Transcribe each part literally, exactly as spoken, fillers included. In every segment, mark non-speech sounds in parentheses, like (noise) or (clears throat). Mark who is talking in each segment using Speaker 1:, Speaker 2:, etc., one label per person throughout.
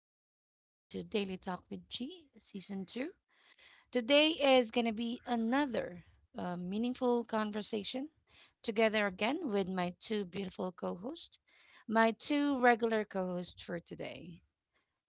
Speaker 1: and welcome again to Daily Talk with G, Season two. Today is going to be another uh, meaningful conversation together again with my two beautiful co hosts, my two regular co hosts for today.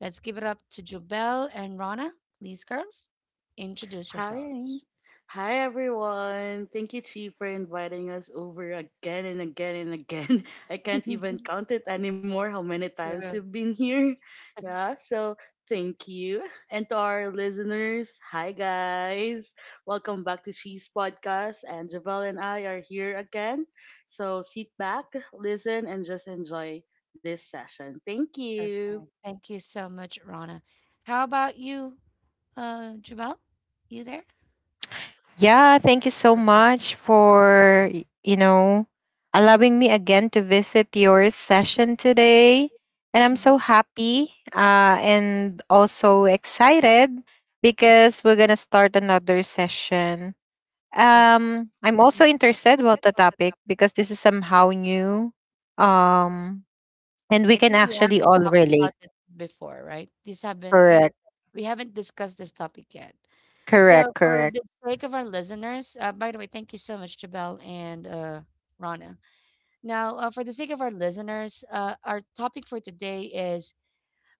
Speaker 1: Let's give it up to Jobel and Rana. Please, girls, introduce
Speaker 2: Hi.
Speaker 1: yourselves.
Speaker 2: Hi, everyone. Thank you, Chi, for inviting us over again and again and again. (laughs) I can't even count it anymore how many times
Speaker 1: Sure.
Speaker 2: we've been here. Yeah, so thank you. And to our listeners, hi, guys. Welcome back to Chi's podcast. And Javel and I are here again. So sit back, listen, and just enjoy this session. Thank you.
Speaker 1: Thank you so much, Rana. How about you, uh, Jobel? You there?
Speaker 3: Yeah, thank you so
Speaker 1: Perfect.
Speaker 3: much for, y- you know, allowing me again to visit your session today. And I'm so happy uh, and also excited because we're going to start another session.
Speaker 1: Mhm.
Speaker 3: Um, I'm
Speaker 1: I'm
Speaker 3: also
Speaker 1: Mhm. also
Speaker 3: interested about
Speaker 1: interested
Speaker 3: the
Speaker 1: what the
Speaker 3: topic
Speaker 1: topic.
Speaker 3: because this is somehow new. Um, and
Speaker 1: I
Speaker 3: we can
Speaker 1: think we
Speaker 3: actually
Speaker 1: haven't
Speaker 3: all
Speaker 1: talked about
Speaker 3: relate.
Speaker 1: it before, right? This haven't the,
Speaker 3: Correct,
Speaker 1: We haven't discussed this topic yet. So
Speaker 3: correct,
Speaker 1: for
Speaker 3: correct.
Speaker 1: the sake of our listeners, uh, by the way, thank you so much, Jabel and uh, Rana. Now, uh, for the sake of our listeners, uh, our topic for today is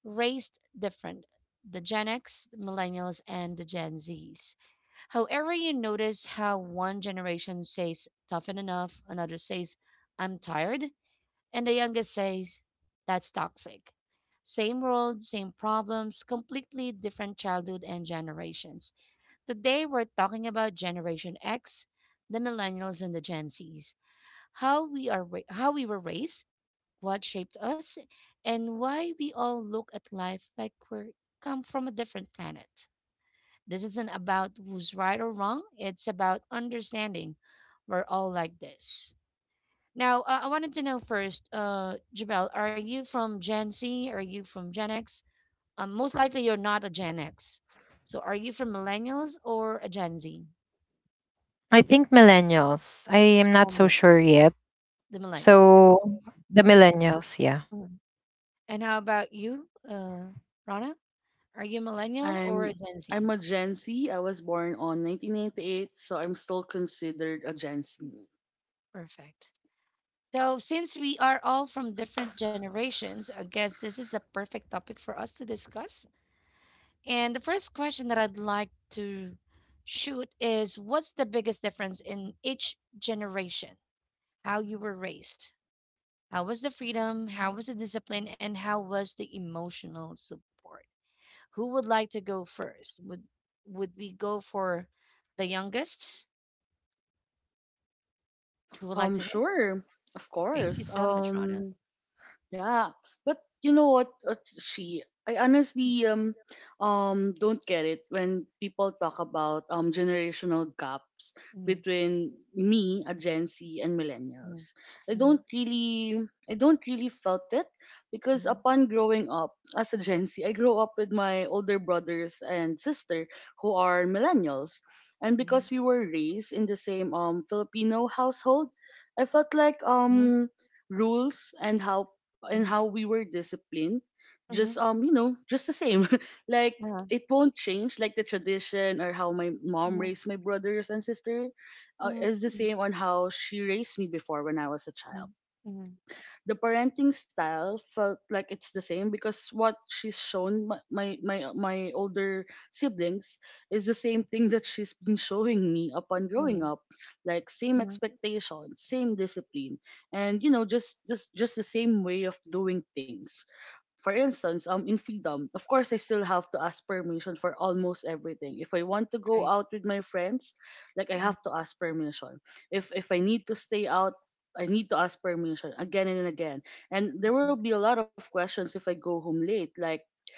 Speaker 1: raised different. The Gen X, the Millennials, and the Gen Zs. However, you notice how one generation says toughen enough, another says I'm tired, and the youngest says, that's toxic. Same world, same problems, completely different childhood and generations. Today, we're talking about Generation X, the millennials and the Gen Zs, how we, are, ra- how we were raised, what shaped us, and why we all look at life like we're come from a different planet. This isn't about who's right or wrong, it's about understanding we're all like this. Now, uh, I wanted to know first, uh, Jabel, are you from Gen Z? Are you from Gen X? Um, most likely you're not a Gen X. So are you from millennials or a Gen Z?
Speaker 3: I think millennials. I am not
Speaker 1: Oh,
Speaker 3: so
Speaker 1: millennials.
Speaker 3: sure yet.
Speaker 1: The millennials. I
Speaker 3: So
Speaker 1: see.
Speaker 3: the millennials, yeah.
Speaker 1: Mhm. And how about you, uh, Rana? Are you a millennial or a
Speaker 2: I'm
Speaker 1: Gen Z?
Speaker 2: I'm a Gen Z. I was born on nineteen ninety-eight, so I'm still considered a Gen Z.
Speaker 1: Perfect. So since we are all from different generations, I guess this is a perfect topic for us to discuss. And the first question that I'd like to shoot is what's the biggest difference in each generation? How you were raised? How was the freedom? How was the discipline? And how was the emotional support? Who would like to go first? Would would we go for the youngest? Who would like
Speaker 2: Um,
Speaker 1: to go?
Speaker 2: sure, of
Speaker 1: Thank you
Speaker 2: course.
Speaker 1: so much, Rana.
Speaker 2: Um, Yeah, but you know what? Uh, she, I honestly um um don't get it when people talk about um generational gaps
Speaker 1: Mhm,
Speaker 2: between me, a Gen Z, and
Speaker 1: mhm,
Speaker 2: millennials. I
Speaker 1: mhm,
Speaker 2: don't really, I don't really felt it because
Speaker 1: mhm,
Speaker 2: upon growing up as a Gen Z, I grew up with my older brothers and sister who are millennials, and because we were raised in the same um Filipino household, I felt like um rules and how and how we were disciplined just um you know just the same. (laughs) Like it won't change, like the tradition or how my mom raised my brothers and sister uh, is the same on how she raised me before when I was a child. The parenting style felt like it's the same because what she's shown my my my, my older siblings is the same thing that she's been showing me upon growing
Speaker 1: mhm,
Speaker 2: up, like same
Speaker 1: mhm.
Speaker 2: expectation, same discipline, and you know just just just the same way of doing things. For instance, um, in freedom, of course, I still have to ask permission for almost everything. If I want to go
Speaker 1: Right.
Speaker 2: out with my friends, like I
Speaker 1: Mhm.
Speaker 2: have to ask permission. If if I need to stay out, I need to ask permission again and again. And there will be a lot of questions if I go home late, like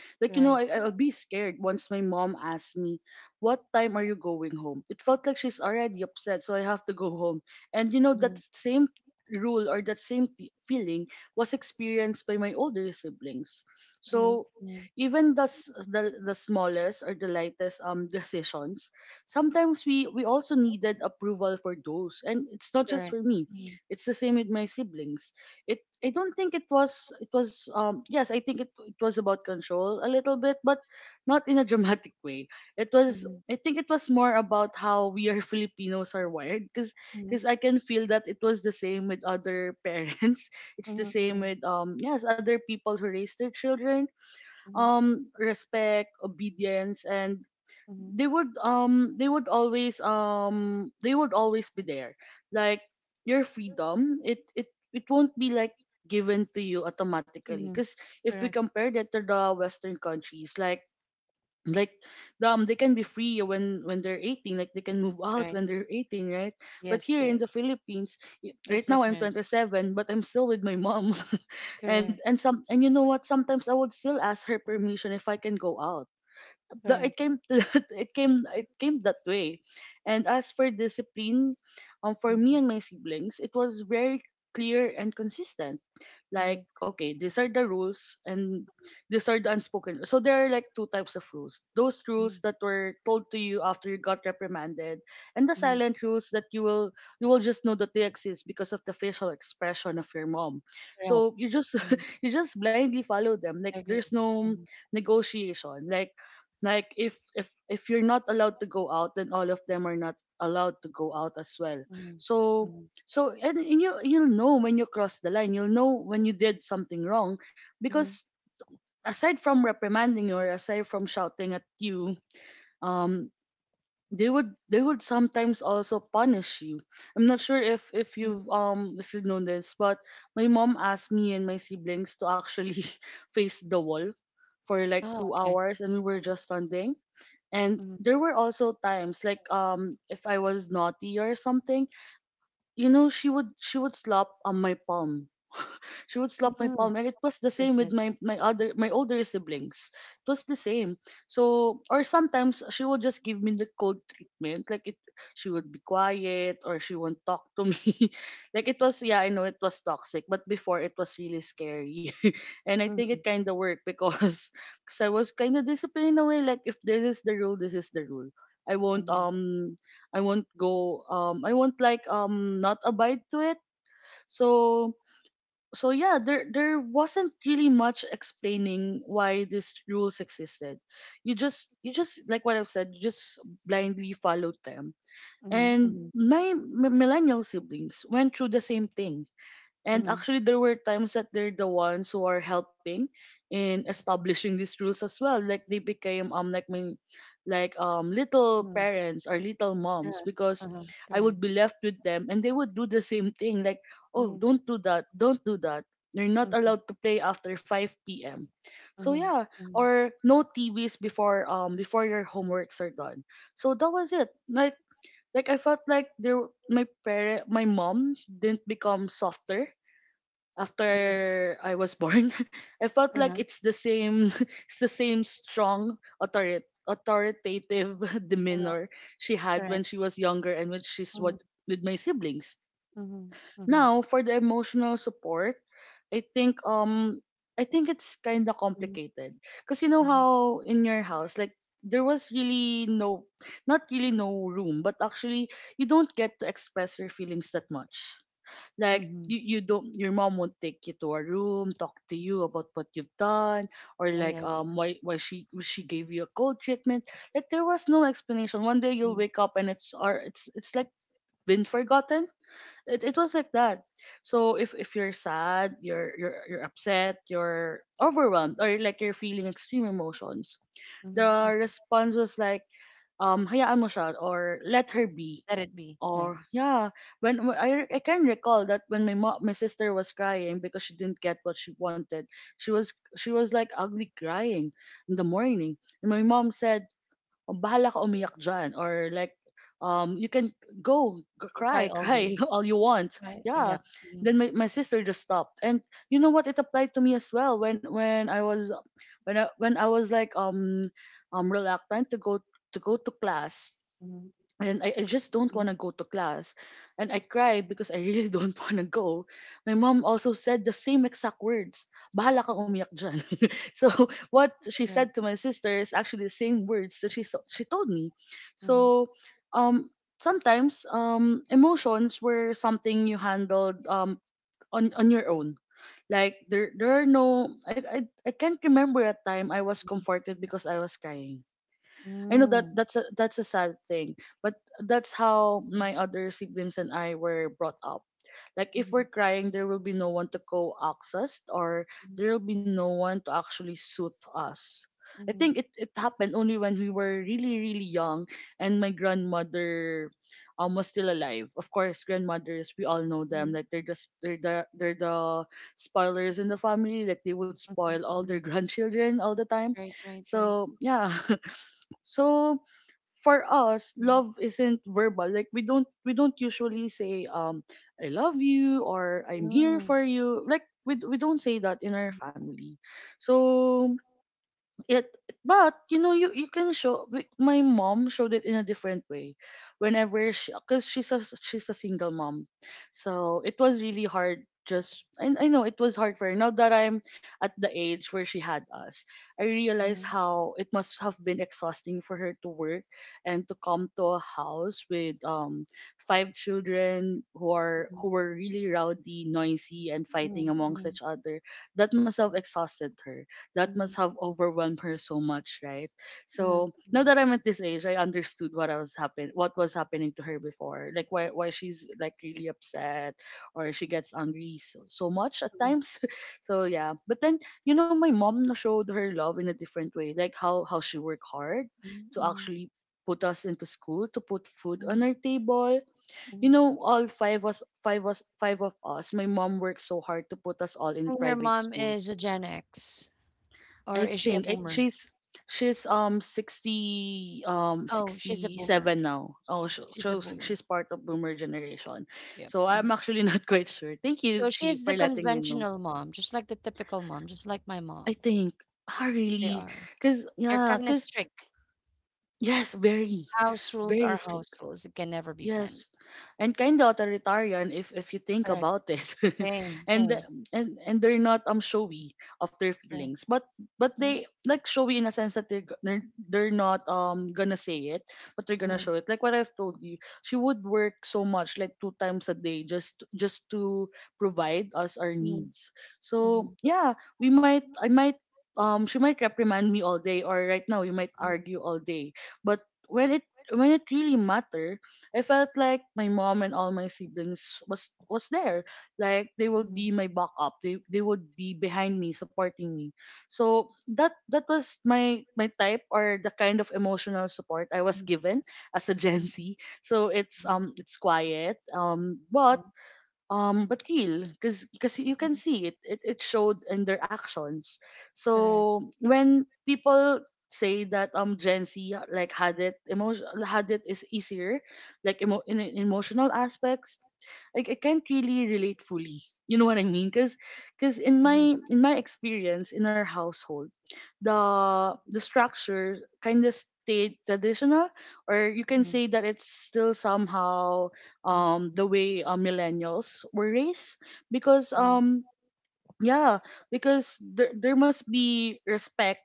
Speaker 2: like, you know, I,
Speaker 1: Right.
Speaker 2: I'll be scared once my mom asks me, "What time are you going home?" It felt like she's already upset, so I have to go home. And, you know, that
Speaker 1: Mhm,
Speaker 2: same rule or that same t- feeling was experienced by my older siblings.
Speaker 1: mhm.
Speaker 2: So, even the, s- the the smallest or the lightest um (laughs) decisions, sometimes we we also needed approval for those, and it's not just
Speaker 1: Correct.
Speaker 2: for me,
Speaker 1: Mhm,
Speaker 2: it's the same with my siblings. I don't think it was, it was um yes, I think it it was about control a little bit, but not in a (laughs) dramatic way. It was, I think it was more about how we are, (laughs) Filipinos are wired, because
Speaker 1: mhm,
Speaker 2: because I can feel that it was the same with other parents. (laughs) It's the same with um yes, other people who raise their children.
Speaker 1: mhm,
Speaker 2: Um respect, obedience, and
Speaker 1: mhm.
Speaker 2: they would um they would always um they would always be there. Like your freedom, it it it won't be like given to you automatically,
Speaker 1: Mhm.
Speaker 2: because if we
Speaker 1: Correct.
Speaker 2: compare that to the western countries, like like um they can be free when when they're eighteen, like they can move out
Speaker 1: Right.
Speaker 2: when they're eighteen, right? But
Speaker 1: Yes,
Speaker 2: here in the
Speaker 1: yes.
Speaker 2: Philippines, y-
Speaker 1: It's
Speaker 2: right now I'm
Speaker 1: different.
Speaker 2: twenty-seven, but I'm still with my mom. (laughs) and
Speaker 1: Correct.
Speaker 2: and some and you know what, sometimes I would still ask her permission if I can go out. The,
Speaker 1: Correct.
Speaker 2: it came, (laughs) it came it came that way. And as for discipline, um for me
Speaker 1: Mm-hmm.
Speaker 2: and my siblings it was very clear and consistent. Like
Speaker 1: Mm-hmm.
Speaker 2: okay, these are the rules, and these are the unspoken. So there are like two types of rules: those rules that were told to you after you got reprimanded, and the
Speaker 1: Mm-hmm.
Speaker 2: silent rules that you will, you will just know that they exist because of the facial expression of your mom.
Speaker 1: Correct.
Speaker 2: So you just
Speaker 1: Mm-hmm.
Speaker 2: (laughs) you just blindly follow them, like
Speaker 1: Agree.
Speaker 2: there's no
Speaker 1: Mm-hmm.
Speaker 2: negotiation, like like if if if you're not allowed to go out, then all of them are not allowed to go out as well.
Speaker 1: Mm-hmm.
Speaker 2: So so and and you'll you'll know when you cross the line. You'll know when you did something wrong,
Speaker 1: Mm-hmm.
Speaker 2: because aside from reprimanding you or aside from shouting at you, um, they would, they would sometimes also punish you. I'm not sure if if
Speaker 1: Mm-hmm.
Speaker 2: you've, um if you've known this, but my mom asked me and my siblings to actually (laughs) face the wall for like
Speaker 1: Oh,
Speaker 2: two
Speaker 1: okay.
Speaker 2: hours, and we were just standing. And
Speaker 1: Mm-hmm.
Speaker 2: there were also times like, um if I was naughty or something, you know, she would, she would slap on my palm. (laughs) She would slap my
Speaker 1: Mm-hmm.
Speaker 2: palm, and it was the same
Speaker 1: Yes,
Speaker 2: with
Speaker 1: yes.
Speaker 2: my my other my older siblings, it was the same. So or sometimes she would just give me the cold treatment, like it, she would be quiet or she won't talk to me. (laughs) Like it was, yeah, I know it was toxic, but before it was really scary. (laughs) And I think
Speaker 1: Mm-hmm.
Speaker 2: it kind of worked, because (laughs) because I was kind of disciplined in a way, like if this is the rule, this is the rule, I won't
Speaker 1: Mm-hmm.
Speaker 2: um I won't go um I won't like um not abide to it. So so yeah, there there wasn't really much explaining why these rules existed. You just, you just, like what I've said, you just blindly followed them. And
Speaker 1: Mm-hmm.
Speaker 2: my m- millennial siblings went through the same thing, and
Speaker 1: Mm-hmm.
Speaker 2: actually, there were times that they're the ones who are helping in establishing these rules as well. Like they became um like my, like um little parents or little moms, because I would
Speaker 1: Correct.
Speaker 2: be left with them and they would do the same thing. Like
Speaker 1: Mm-hmm.
Speaker 2: oh, don't do that, don't do that. You're not
Speaker 1: Mm-hmm.
Speaker 2: allowed to play after five p m. So
Speaker 1: Mm-hmm.
Speaker 2: yeah, or no T Vs before um before your homeworks are done. So that was it. Like like I felt like there, my parent my mom didn't become softer
Speaker 1: Mm-hmm.
Speaker 2: after I was born. (laughs) I felt
Speaker 1: Uh-huh.
Speaker 2: like it's the same, (laughs) it's the same strong authority authoritative (laughs)
Speaker 1: Uh-huh.
Speaker 2: demeanor she had
Speaker 1: Correct.
Speaker 2: when she was younger and when she's
Speaker 1: Mm-hmm.
Speaker 2: what with my siblings.
Speaker 1: Mm-hmm.
Speaker 2: Now for the emotional support, I think, um I think it's kind of
Speaker 1: Mm-hmm.
Speaker 2: complicated, because you know
Speaker 1: Mm-hmm.
Speaker 2: how in your house, like there was really no, not really no room, but actually you don't get to express your feelings that much. Like
Speaker 1: Mm-hmm.
Speaker 2: you, you don't, your mom won't take you to a room, talk to you about what you've done, or
Speaker 1: Yeah, yeah,
Speaker 2: like
Speaker 1: yeah.
Speaker 2: um why why she she gave you a cold treatment. Like there was no explanation, one day you'll wake up and it's, or it's it's like been forgotten. It, it was like that. So if if you're sad, you're you're you're upset, you're overwhelmed, or like you're feeling extreme emotions, the
Speaker 1: Mm-hmm.
Speaker 2: response was like, um hayaan mo siya, or let her be,
Speaker 1: Let it be. Yeah.
Speaker 2: or yeah. when when- I, I can recall that when my mom, my sister was crying because she didn't get what she wanted, she was she was like ugly crying in the morning, and my mom said, "Oh, bahala ka umiyak dyan," or like, um you can go g-
Speaker 1: You can try
Speaker 2: cry,
Speaker 1: all
Speaker 2: cry
Speaker 1: day.
Speaker 2: (laughs) all you want,
Speaker 1: Try. Yep.
Speaker 2: yeah. Then my, my sister just stopped. And you know what, it applied to me as well when when I was when I when I was like, um um reluctant to go, to go to class,
Speaker 1: Mhm,
Speaker 2: and I, I just don't
Speaker 1: mhm.
Speaker 2: want to go to class. And I cried because I really (laughs) don't want to go. My mom also said the same exact words. Bahala kang umiyak dyan. (laughs) So what she
Speaker 1: Right.
Speaker 2: said to my sister is actually the same words that she so- she told me.
Speaker 1: Mhm.
Speaker 2: So um sometimes, um emotions were something you handled, um on on your own. Like there there are no I I, I can't remember a time I was
Speaker 1: Mhm.
Speaker 2: comforted because I was crying. I know that
Speaker 1: Mm.
Speaker 2: that's, a that's a sad thing, but that's how
Speaker 1: Mhm.
Speaker 2: my other siblings and I were brought up. Like if
Speaker 1: Mhm,
Speaker 2: we're crying, there will be no one to coax us, or
Speaker 1: mhm.
Speaker 2: there will be no one to actually soothe us. I
Speaker 1: Mhm,
Speaker 2: think it, it happened only when we were really really young, and my grandmother um was still alive. Of course, grandmothers, we all know them. Like they're just they're the they're the spoilers in the family. Like they would
Speaker 1: mhm,
Speaker 2: spoil all
Speaker 1: mhm.
Speaker 2: their (laughs) grandchildren all the time.
Speaker 1: Right, right, right.
Speaker 2: So yeah. (laughs) So for us
Speaker 1: Mhm.
Speaker 2: love isn't verbal. Like we don't we don't usually say um I love you or I'm here
Speaker 1: Mm.
Speaker 2: for you. Like we, d- we don't say that in our family. So it, but you know you you can show, like, my mom showed it in a different way whenever she, because she's a she's a single mom. So it was really hard. Just I, I know it was hard for her now that I'm at the age where she had us. I realize
Speaker 1: Mhm.
Speaker 2: how it must have been exhausting for her to work and to come to a house with um five children who are
Speaker 1: Mhm.
Speaker 2: who were really rowdy, noisy and
Speaker 1: Mhm,
Speaker 2: fighting amongst
Speaker 1: mhm.
Speaker 2: each other. That must have exhausted her. That
Speaker 1: Mhm,
Speaker 2: must have overwhelmed her so much, right?
Speaker 1: mhm, mhm, mhm,
Speaker 2: So now that I'm at this age, I understood what I was happen what was happening to her before, like why why she's like really upset or she gets angry so, so much at
Speaker 1: mhm.
Speaker 2: times. (laughs) So yeah, but then you know my mom na- showed her love in a different way, like how how she worked hard to
Speaker 1: Mhm.
Speaker 2: actually put us into school, to put food
Speaker 1: Mhm, mhm,
Speaker 2: on our table.
Speaker 1: mhm.
Speaker 2: You know all five us five us five of us, my mom worked so hard to put us all in
Speaker 1: And your
Speaker 2: private
Speaker 1: mom is a
Speaker 2: schools.
Speaker 1: Gen X, or
Speaker 2: I
Speaker 1: is she a
Speaker 2: think it,
Speaker 1: boomer?
Speaker 2: she's she's um sixty, um
Speaker 1: Oh, she's a boomer.
Speaker 2: sixty-seven now. Oh, so,
Speaker 1: She's a
Speaker 2: so
Speaker 1: boomer.
Speaker 2: she's part of boomer generation.
Speaker 1: Yep.
Speaker 2: So
Speaker 1: Mhm.
Speaker 2: I'm actually (laughs) not quite sure. Thank
Speaker 1: So
Speaker 2: you,
Speaker 1: she's
Speaker 2: Chi,
Speaker 1: the
Speaker 2: for letting me know.
Speaker 1: conventional mom, just like the typical mom, just like my
Speaker 2: I
Speaker 1: mom.
Speaker 2: think, ah,
Speaker 1: They
Speaker 2: really?
Speaker 1: are.
Speaker 2: Cuz
Speaker 1: They're
Speaker 2: yeah,
Speaker 1: kind of
Speaker 2: cuz
Speaker 1: strict.
Speaker 2: yes, very
Speaker 1: House rules are
Speaker 2: very
Speaker 1: house
Speaker 2: strict.
Speaker 1: rules. It can never be bent.
Speaker 2: Yes, and kind of authoritarian if if you think
Speaker 1: Correct.
Speaker 2: about it. (laughs)
Speaker 1: Same,
Speaker 2: and
Speaker 1: same.
Speaker 2: the- and and they're not um showy of their
Speaker 1: Correct.
Speaker 2: feelings, but but
Speaker 1: Mhm,
Speaker 2: they, like, showy in a sense that they're g- they're, they're not um gonna say it, but they're gonna
Speaker 1: mhm,
Speaker 2: show it. Like what I've told you, she would work so much, like two times a day, just just to provide us our
Speaker 1: mhm,
Speaker 2: needs.
Speaker 1: mhm,
Speaker 2: So yeah, we might I might, um she might reprimand me all day, or right now we might
Speaker 1: mhm,
Speaker 2: argue all day, but when it when it really matters, I felt like my mom and all my siblings was was there. Like they will
Speaker 1: mhm,
Speaker 2: be my backup. They they would be behind me, supporting me. So that that was my my type or the kind of emotional support I
Speaker 1: mhm,
Speaker 2: was
Speaker 1: mhm,
Speaker 2: given as a (laughs) Gen Z. So it's um it's quiet. Um but um but real, because because you can
Speaker 1: mhm.
Speaker 2: see it, it it showed in their actions.
Speaker 1: Correct.
Speaker 2: So when people say that um Gen Z, like, had it emotion had it, is easier, like emo- in in emotional aspects, like I can't really relate fully. You know what I mean? Cause, 'cause in
Speaker 1: Mhm,
Speaker 2: my in my experience in our household, the the structure kind of stayed traditional, or you can
Speaker 1: mhm,
Speaker 2: say that it's still somehow
Speaker 1: mhm,
Speaker 2: um the way uh, millennials were raised, because
Speaker 1: mhm.
Speaker 2: um yeah because there there must be respect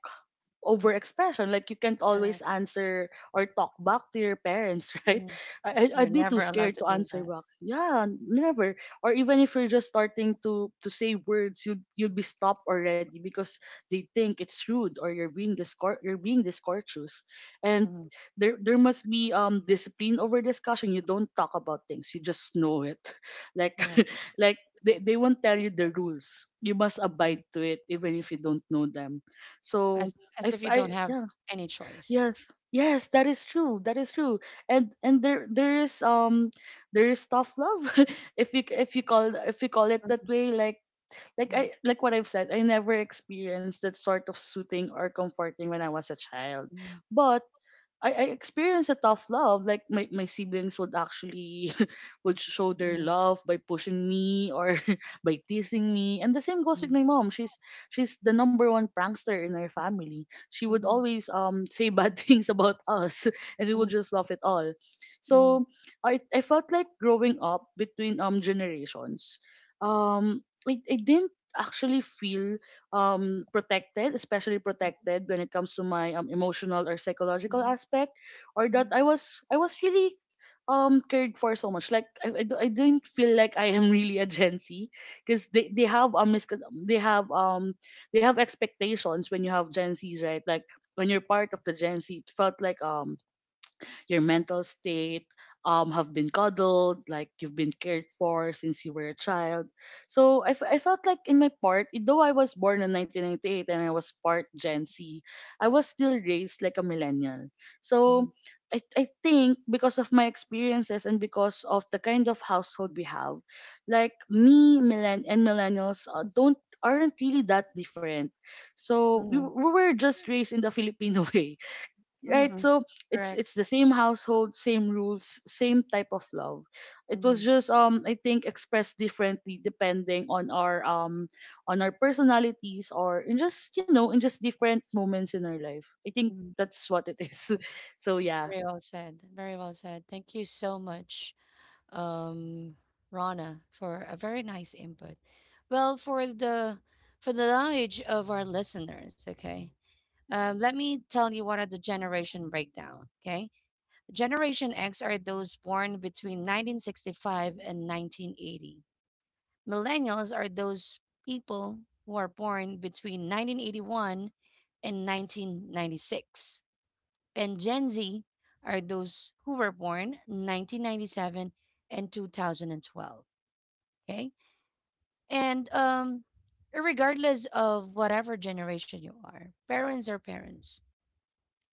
Speaker 2: overexpression, like you can't always
Speaker 1: Correct.
Speaker 2: answer or talk back to your parents (laughs) right?
Speaker 1: Mhm.
Speaker 2: I, I-
Speaker 1: You're
Speaker 2: I'd be too
Speaker 1: never allowed
Speaker 2: scared
Speaker 1: to
Speaker 2: to
Speaker 1: do
Speaker 2: answer
Speaker 1: that.
Speaker 2: back, yeah, never. Or even if you're just starting to to say words, you'd you'd be stopped already because they think it's rude or you're being discour- you're being discourteous. And
Speaker 1: Mhm.
Speaker 2: there there must be um discipline over discussion. You don't talk about things, you just know it (laughs) like
Speaker 1: Correct.
Speaker 2: (laughs) like they, they won't tell you the rules, you must
Speaker 1: Mhm.
Speaker 2: abide to it even if you don't know them. So
Speaker 1: As
Speaker 2: I,
Speaker 1: as if
Speaker 2: f-
Speaker 1: you don't
Speaker 2: I-
Speaker 1: have
Speaker 2: yeah,
Speaker 1: any choice.
Speaker 2: yes yes that is true, that is true. and and there there is um there is tough love (laughs) if you if you call if you call it that
Speaker 1: Mhm,
Speaker 2: way, like like
Speaker 1: mhm,
Speaker 2: I, like what I've said, I never experienced that sort of soothing or comforting when I was a child.
Speaker 1: mhm,
Speaker 2: But I, I experienced a tough love. Like my, my siblings would actually (laughs) would show their
Speaker 1: mhm,
Speaker 2: love by pushing me or (laughs) by teasing me. And the same goes with
Speaker 1: mhm,
Speaker 2: my mom. She's she's the number one prankster in our family. She would
Speaker 1: mhm,
Speaker 2: always um say bad (laughs) things about us (laughs) and we would
Speaker 1: mhm,
Speaker 2: just laugh it all. So
Speaker 1: mhm,
Speaker 2: I I felt like growing up between um generations, um I, I didn't actually feel um protected, especially protected when it comes to my um, emotional or psychological aspect, or that
Speaker 1: mhm,
Speaker 2: i was I was really um cared for so much. Like i, I, do- I didn't feel like I am (laughs) really a Gen Z because they, they have um miscon- they have um they have expectations when you have Gen Z's, right? Like when you're part of the Gen Z it felt like um your mental state um have been cuddled, like you've been cared for since you were a child. So I, f- I felt like in my part, though I was born in nineteen ninety-eight and I was part Gen Z, I was still raised like a millennial. So
Speaker 1: mhm,
Speaker 2: I, I think because of my experiences and because of the kind of household we have, like me millen- and millennials uh, don't, aren't really that different. So we, we were just raised in the Filipino (laughs) way,
Speaker 1: mhm,
Speaker 2: right?
Speaker 1: mhm.
Speaker 2: So it's it's the same household, same rules, same type of love. It was
Speaker 1: Mhm,
Speaker 2: just um I think expressed differently depending on our um on our personalities or in just you know in just different moments in our life, I think
Speaker 1: mhm.
Speaker 2: that's what it is. (laughs) So yeah.
Speaker 1: Very well said. Very well said. Thank you so much, um, Rana, for a very nice input. Well, for the for the knowledge of our listeners, okay. Um, let me tell you what are the generation breakdown. Okay, Generation X are those born between nineteen sixty-five and nineteen eighty. Millennials are those people who are born between nineteen eighty-one and nineteen ninety-six and Gen Z are those who were born nineteen ninety-seven and twenty twelve. Okay. And um, regardless of whatever generation you are, parents are parents.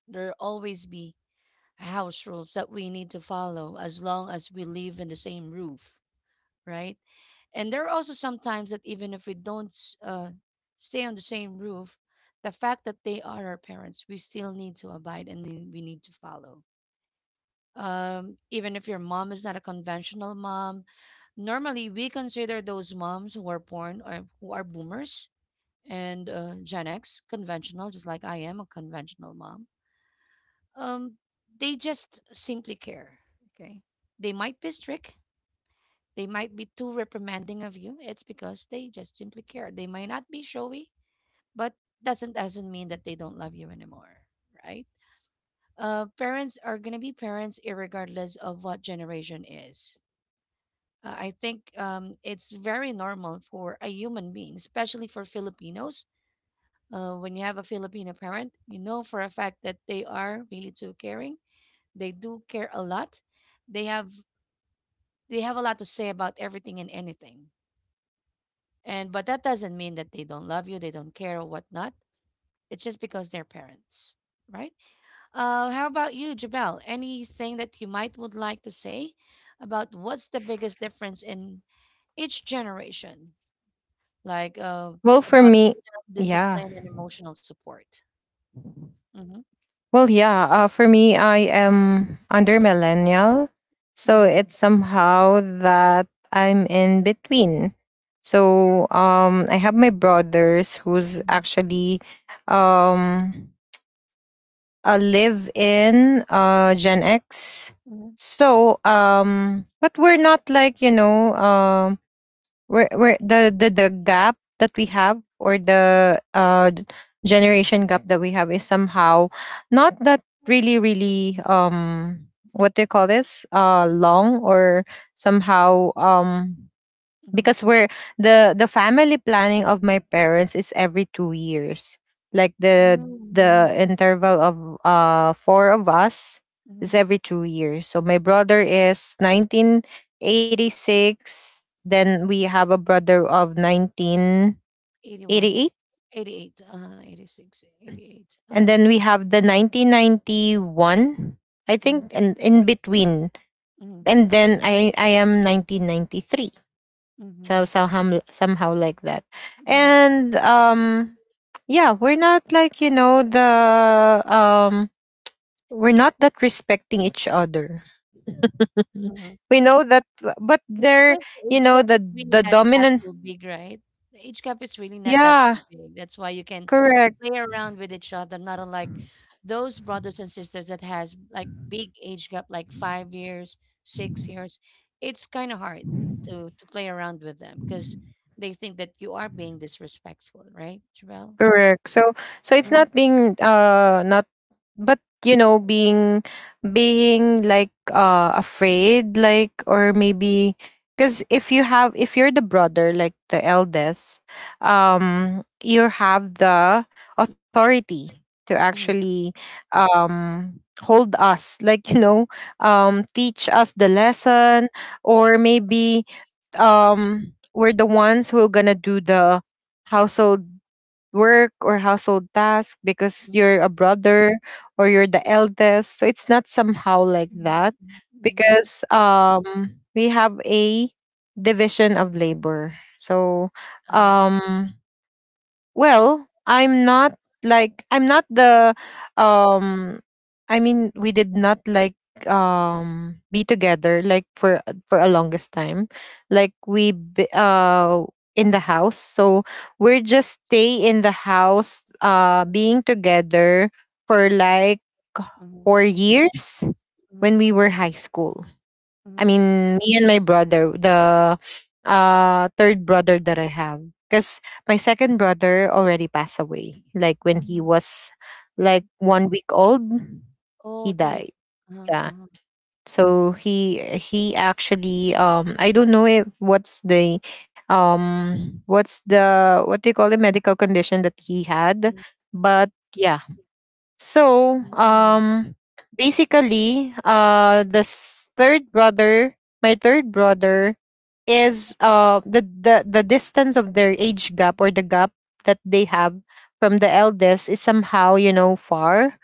Speaker 1: There always be house rules that we need to follow as long as we live in the same roof, right? And there are also sometimes that even if we don't s- uh, stay on the same roof, the fact that they are our parents, we still need to abide and we need to follow um, even if your mom is not a conventional mom. Normally, we consider those moms who are born or who are boomers and uh, Gen X conventional, just like I am a conventional mom. Um, they just simply care. Okay, they might be strict. They might be too reprimanding of you. It's because they just simply care. They might not be showy, but doesn't doesn't mean that they don't love you anymore, right? Uh, parents are gonna be parents, irregardless of what generation is. Uh, I think um, it's very normal for a human being, especially for Filipinos. Uh, when you have a Filipino parent, you know for a fact that they are really too caring. They do care a lot. They have they have a lot to say about everything and anything. And but that doesn't mean that they don't love you, they don't care or whatnot. It's just because they're parents, right? Uh, how about you, Jabel? Anything that you might would like to say about what's the biggest difference in each generation? Like uh,
Speaker 3: Well, for
Speaker 1: about
Speaker 3: me,
Speaker 1: freedom,
Speaker 3: yeah.
Speaker 1: discipline, and emotional support. Mm-hmm,
Speaker 3: Well, yeah. Uh, for me, I am under millennial, so
Speaker 1: mm-hmm,
Speaker 3: it's somehow that I'm in between. So um, I have my brothers who's actually um a live in uh Gen X.
Speaker 1: mm-hmm,
Speaker 3: So um, but we're not like you know um, where where the the the gap that we have or the uh d- generation gap that we have is somehow not that really really um, what do you call this, uh, long or somehow um,
Speaker 1: mm-hmm,
Speaker 3: because we're the the family planning of my parents is every two years, like the
Speaker 1: mm-hmm,
Speaker 3: the interval of uh four of us is every
Speaker 1: mm-hmm,
Speaker 3: two years. So my brother is nineteen eighty-six, then we have a brother of nineteen eighty-eight,
Speaker 1: eighty-one, eighty-eight, uh, eighty six, eighty eight,
Speaker 3: and
Speaker 1: uh,
Speaker 3: then we have the nineteen ninety-one, I think,
Speaker 1: mm-hmm,
Speaker 3: and in between,
Speaker 1: mm-hmm,
Speaker 3: and then i i am nineteen ninety-three.
Speaker 1: mm-hmm,
Speaker 3: So somehow somehow like that. And um yeah, we're not like, you know, the um, we're not that respecting each other. (laughs)
Speaker 1: mm-hmm.
Speaker 3: We know that, but they're,
Speaker 1: Because the
Speaker 3: you
Speaker 1: age
Speaker 3: know,
Speaker 1: gap
Speaker 3: the
Speaker 1: is really
Speaker 3: the
Speaker 1: not that
Speaker 3: dominant,
Speaker 1: too big, right? The age gap is really not that
Speaker 3: yeah.
Speaker 1: too big. That's why you can
Speaker 3: Correct.
Speaker 1: play around with each other, not unlike those brothers and sisters that has like big age gap, like five years, six years. It's kind of hard to to play around with them because they think that you are being disrespectful, right, Travell?
Speaker 3: Correct. So so it's
Speaker 1: Mm-hmm.
Speaker 3: not being uh not, but you know, being being like uh afraid, like or maybe because if you have, if you're the brother, like the eldest, um, you have the authority to
Speaker 1: Mm-hmm.
Speaker 3: actually um hold us, like, you know, um teach us the lesson, or maybe um we're the ones who are gonna do the household work or household task, because you're a brother or you're the eldest. So it's not somehow like that,
Speaker 1: Mm-hmm.
Speaker 3: because um we have a division of labor. So
Speaker 1: Uh,
Speaker 3: um well, I'm not like, I'm not the um I mean, we did not like um be together like for for a longest time. Like we b- uh in the house. So we're just stay in the house uh being together for like
Speaker 1: Mm-hmm.
Speaker 3: four years
Speaker 1: Mm-hmm.
Speaker 3: when we were high school.
Speaker 1: Mm-hmm.
Speaker 3: I mean, me and my brother, the uh third brother that I have. Because my second brother already passed away, like when he was
Speaker 1: Mm-hmm.
Speaker 3: like one week old,
Speaker 1: Oh,
Speaker 3: he
Speaker 1: two years.
Speaker 3: died.
Speaker 1: Uh-huh,
Speaker 3: Yeah.
Speaker 1: uh-huh.
Speaker 3: So he he actually um I don't know if what's the um what's the, what do you call, the medical condition that he had, but yeah. So, um, basically, uh, the s- third brother, my third brother, is uh the the the distance of their age gap or the gap that they have from the eldest is somehow, you know, far.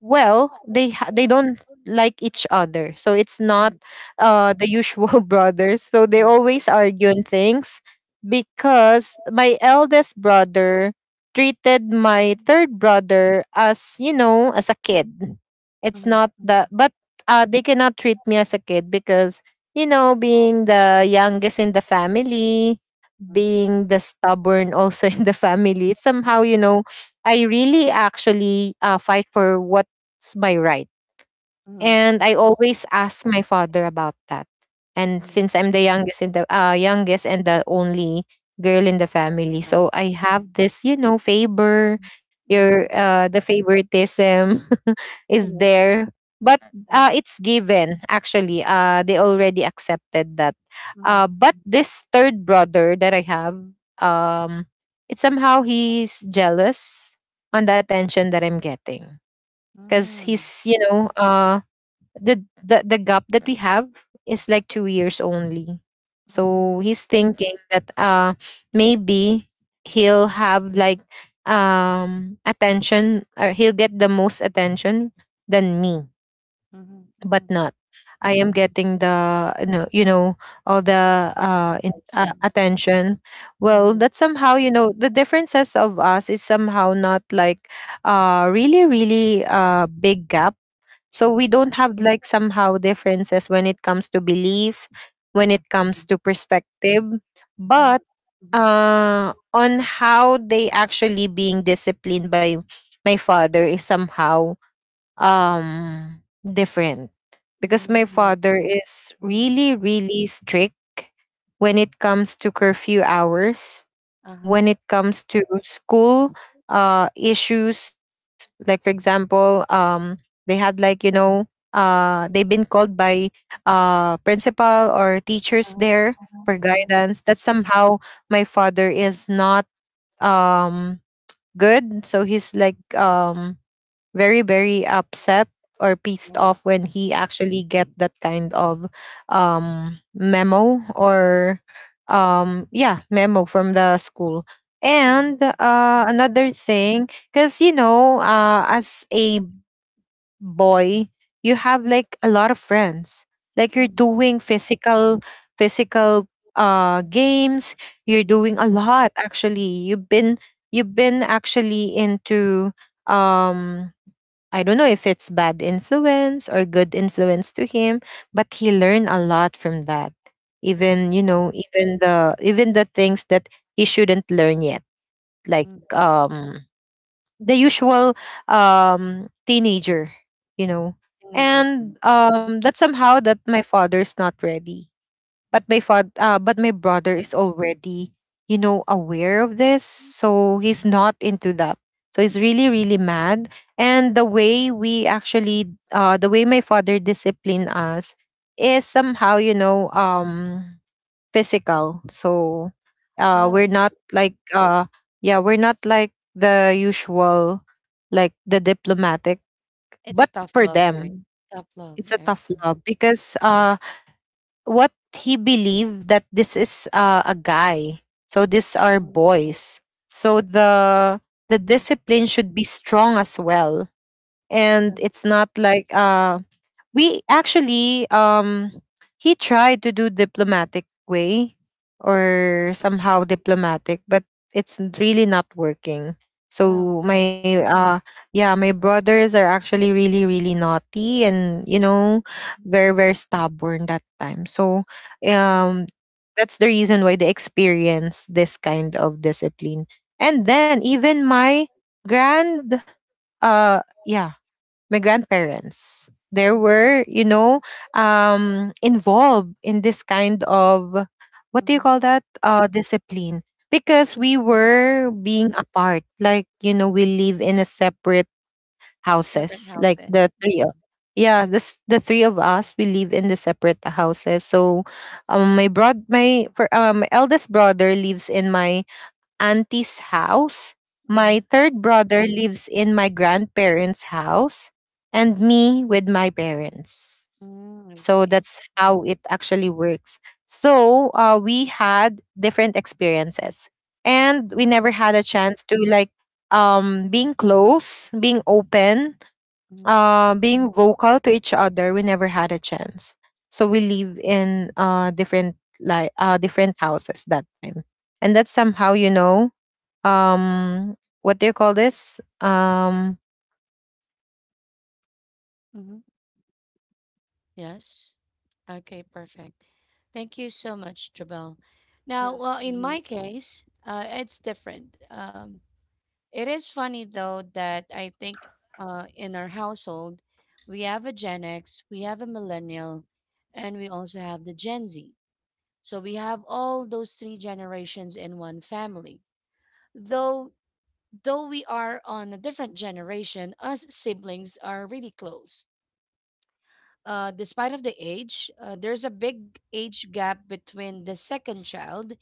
Speaker 3: Well, they ha- they don't like each other, so it's not
Speaker 1: Mm-hmm.
Speaker 3: uh the usual (laughs) brothers. So they
Speaker 1: Mm-hmm.
Speaker 3: always argue on things because my eldest brother treated my third brother as, you know, as a kid. It's
Speaker 1: Mm-hmm.
Speaker 3: not that, but uh they cannot treat me as a kid because, you know, being the youngest in the family, being the stubborn also (laughs) in the family, somehow, you know, I really actually uh fight for what it's my right.
Speaker 1: Mhm.
Speaker 3: And I
Speaker 1: Mhm,
Speaker 3: always ask my father about that. And
Speaker 1: mhm,
Speaker 3: since I'm the youngest in the uh, youngest and the only girl in the family,
Speaker 1: tama.
Speaker 3: so I
Speaker 1: Mhm.
Speaker 3: have this, you know, favor.
Speaker 1: Mhm,
Speaker 3: Your uh, the favoritism (laughs) is
Speaker 1: mhm,
Speaker 3: there, but
Speaker 1: hmm,
Speaker 3: uh, it's given. Actually, uh, they already accepted that. Uh,
Speaker 1: mhm,
Speaker 3: but this third brother that I have, um, it's somehow he's jealous on the attention that I'm getting, because he's you know uh the, the the gap that we have is like two years only.
Speaker 1: mhm, mhm.
Speaker 3: So he's thinking that uh maybe he'll have like um attention, or he'll get the most attention than me, but
Speaker 1: Mhm.
Speaker 3: not, I am getting the you know, you know, all
Speaker 1: Much
Speaker 3: the
Speaker 1: more
Speaker 3: uh, in, uh
Speaker 1: attention.
Speaker 3: attention. Well,
Speaker 1: Mhm,
Speaker 3: that somehow you know the differences of us is somehow not like uh really really uh big gap. So
Speaker 1: mhm,
Speaker 3: we don't have like somehow differences when it comes to belief, when it comes
Speaker 1: mhm,
Speaker 3: to perspective,
Speaker 1: mhm,
Speaker 3: but uh, on how they actually being disciplined by my father is somehow um different, because my
Speaker 1: hmm,
Speaker 3: father is
Speaker 1: mhm.
Speaker 3: really really strict when it comes to curfew hours,
Speaker 1: Uh-huh,
Speaker 3: when it comes to school uh issues, like for example um they had like you know uh they've been called by uh principal or teachers
Speaker 1: uh-huh,
Speaker 3: there for
Speaker 1: uh-huh,
Speaker 3: guidance that somehow my father is not um good, so he's like um very very upset or pissed
Speaker 1: yeah.
Speaker 3: off when he actually get that kind of um memo or um yeah memo from the school.
Speaker 1: Cool.
Speaker 3: And uh another thing, because you know uh as a boy, you have like a lot of friends, like you're
Speaker 1: Mhm,
Speaker 3: doing physical physical uh games, you're
Speaker 1: mhm,
Speaker 3: doing a lot. Actually, you've been, you've been actually into um I don't know if it's bad influence or good influence to him, but he learned a lot from that. Even, you
Speaker 1: mhm,
Speaker 3: know, even the even the things that he shouldn't learn yet. Like
Speaker 1: mhm.
Speaker 3: um the usual um teenager, you know.
Speaker 1: Teenager thing.
Speaker 3: And um that's somehow that my father's not ready, but my father uh, but my brother is already, you know, aware of this, so he's not into that. So he's really really mad. And the way we actually uh, the way my father disciplined us is somehow you know um physical. So uh we're
Speaker 1: Oh,
Speaker 3: not like uh yeah we're not like the usual, like the diplomatic,
Speaker 1: it's
Speaker 3: but
Speaker 1: a tough
Speaker 3: for
Speaker 1: love, right?
Speaker 3: them
Speaker 1: Tough love,
Speaker 3: it's a
Speaker 1: right?
Speaker 3: tough love, because uh what he believed that this is uh a guy, so these are
Speaker 1: Mhm,
Speaker 3: boys, so the the
Speaker 1: mhm.
Speaker 3: discipline should be strong as well. And it's not like uh we actually um he tried to do diplomatic way or somehow diplomatic, but it's n- really not working.
Speaker 1: Oh,
Speaker 3: So
Speaker 1: okay.
Speaker 3: my uh yeah, my brothers are actually really really naughty and you know very very stubborn that time. So
Speaker 1: Mhm,
Speaker 3: um that's the reason why they experience this kind of discipline. And then even my grand uh yeah, my grandparents, they
Speaker 1: mhm,
Speaker 3: were, you know, um involved in this kind of, what do you
Speaker 1: mhm,
Speaker 3: call that, uh, discipline. Because we
Speaker 1: mhm.
Speaker 3: were being apart, like you know, we live in a separate
Speaker 1: Separate
Speaker 3: houses, like
Speaker 1: houses.
Speaker 3: the three. o- Yeah, this the three of us, we live in the separate houses. So, um, my broad, my for um, my eldest brother lives in my auntie's house. My
Speaker 1: Mhm.
Speaker 3: third brother lives in my grandparents' house, and me with my parents.
Speaker 1: Mm, I
Speaker 3: So
Speaker 1: see.
Speaker 3: that's how it actually works. So uh, we had different experiences, and we never
Speaker 1: Mhm,
Speaker 3: had a chance to like um being close, being open,
Speaker 1: mhm.
Speaker 3: uh, being vocal to each other. We never had a chance. So we live in uh different like uh different houses that time, and that's somehow you know um what do you call this um, uh what do you, ca- uh
Speaker 1: Mhm.
Speaker 3: that somehow that I can actually
Speaker 1: Yes.
Speaker 3: differentiate it.
Speaker 1: Okay, perfect.
Speaker 3: And um
Speaker 1: Thank you so much,
Speaker 3: an,
Speaker 1: Jabel. Now,
Speaker 2: Yes.
Speaker 1: well, in
Speaker 2: Mm-hmm.
Speaker 1: my case, uh, it's different. Um, it is funny though that I think uh, in our household, we have a Gen X, we have a millennial, and we also have the Gen Z. So we have all those three generations in one family. Though though we are on a different generation, us siblings are really close. Uh, despite of the age, uh, there's a big age gap between the second child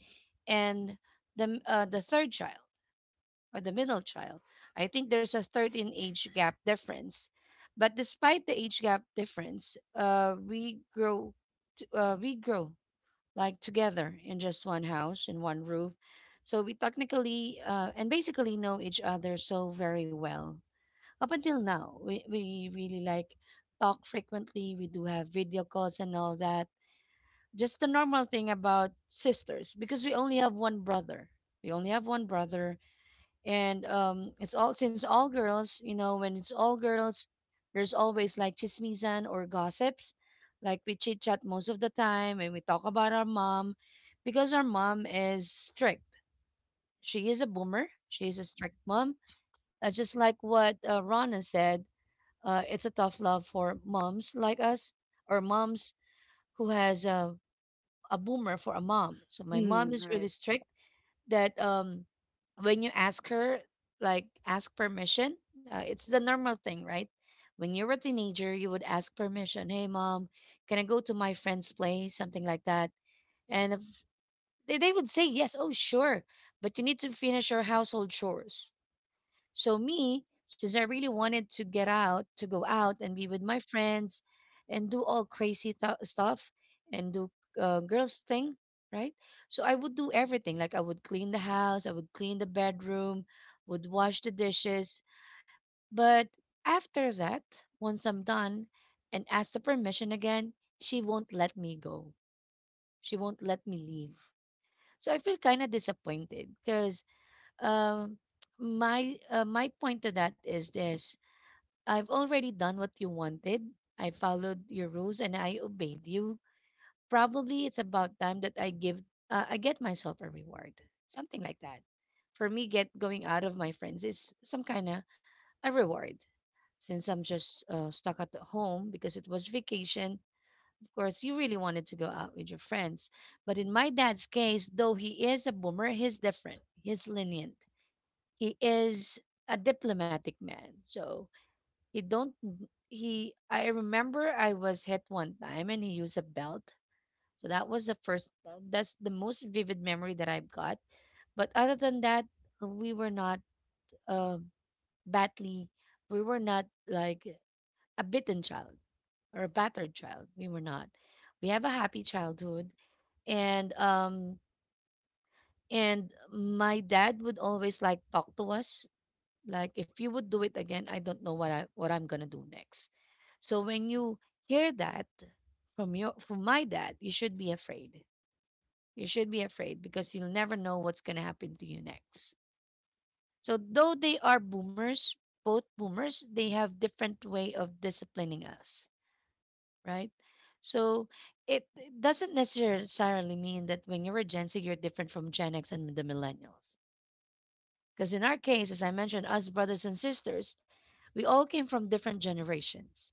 Speaker 1: and the m- uh, the third child or the middle child. I think there's a thirteen age gap difference, but despite the age gap difference, uh, we grow, t- uh, we grow like together in just one house in one roof, so we technically uh, and basically know each other so very well up until now, we, we really like talk frequently. We do have video calls and all that. Just the normal thing about sisters because we only have one brother. We only have one brother, and um, it's all since all girls. You know, when it's all girls, there's always like chismisan or gossips. Like we chit chat most of the time, and we talk about our mom because our mom is strict. She is a boomer. She is a strict mom. Uh, just like what uh, Rana said, uh, it's a tough love for moms like us or moms who has a, a boomer for a mom. So my mom
Speaker 2: Mm-hmm.
Speaker 1: is really
Speaker 2: Right.
Speaker 1: strict that um, when you ask her, like ask permission, uh, it's the normal thing, right? When you're a teenager, you would ask permission. Hey, mom, can I go to my friend's place? Something like that. And if, they they would say yes, oh, sure. But you need to finish your household chores. So me, since I really wanted to get out, to go out and be with my friends and do all crazy th- stuff and do uh, girls thing, right? So I would do everything. Like I would clean the house, I would clean the bedroom, would wash the dishes. But after that, once I'm done and ask the permission again, she won't let me go. She won't let me leave. So I feel kind of disappointed because um, my uh, my point to that is this: I've already done what you wanted. I followed your rules and I obeyed you. Probably it's about time that I give uh, I get myself a reward. Something like that. For me, get going out of my friends is some kind of a reward. Since I'm just uh, stuck at the home because it was vacation, of course, you really wanted to go out with your friends. But in my dad's case, though he is a boomer, he's different. He's lenient. He is a diplomatic man. So he don't n- he I remember I was hit one time and he used a belt. So that was the first uh, that's the most vivid memory that I've got. But other than that, uh, we were not uh, badly we were not like a bitten child or a battered child. We were not. We have a happy childhood and um and my dad would always like talk to us. Like if you would do it again, I don't know what I what I'm gonna do next. So when you hear that from your from my dad, you should be afraid. You should be afraid because you'll never know what's gonna happen to you next. So though they are boomers, both boomers, they have different way of disciplining us, right? So it, it doesn't necessarily mean that when you're a Gen Z, you're different from Gen X and the millennials. Because in our case, as I mentioned, us brothers and sisters, we all came from different generations.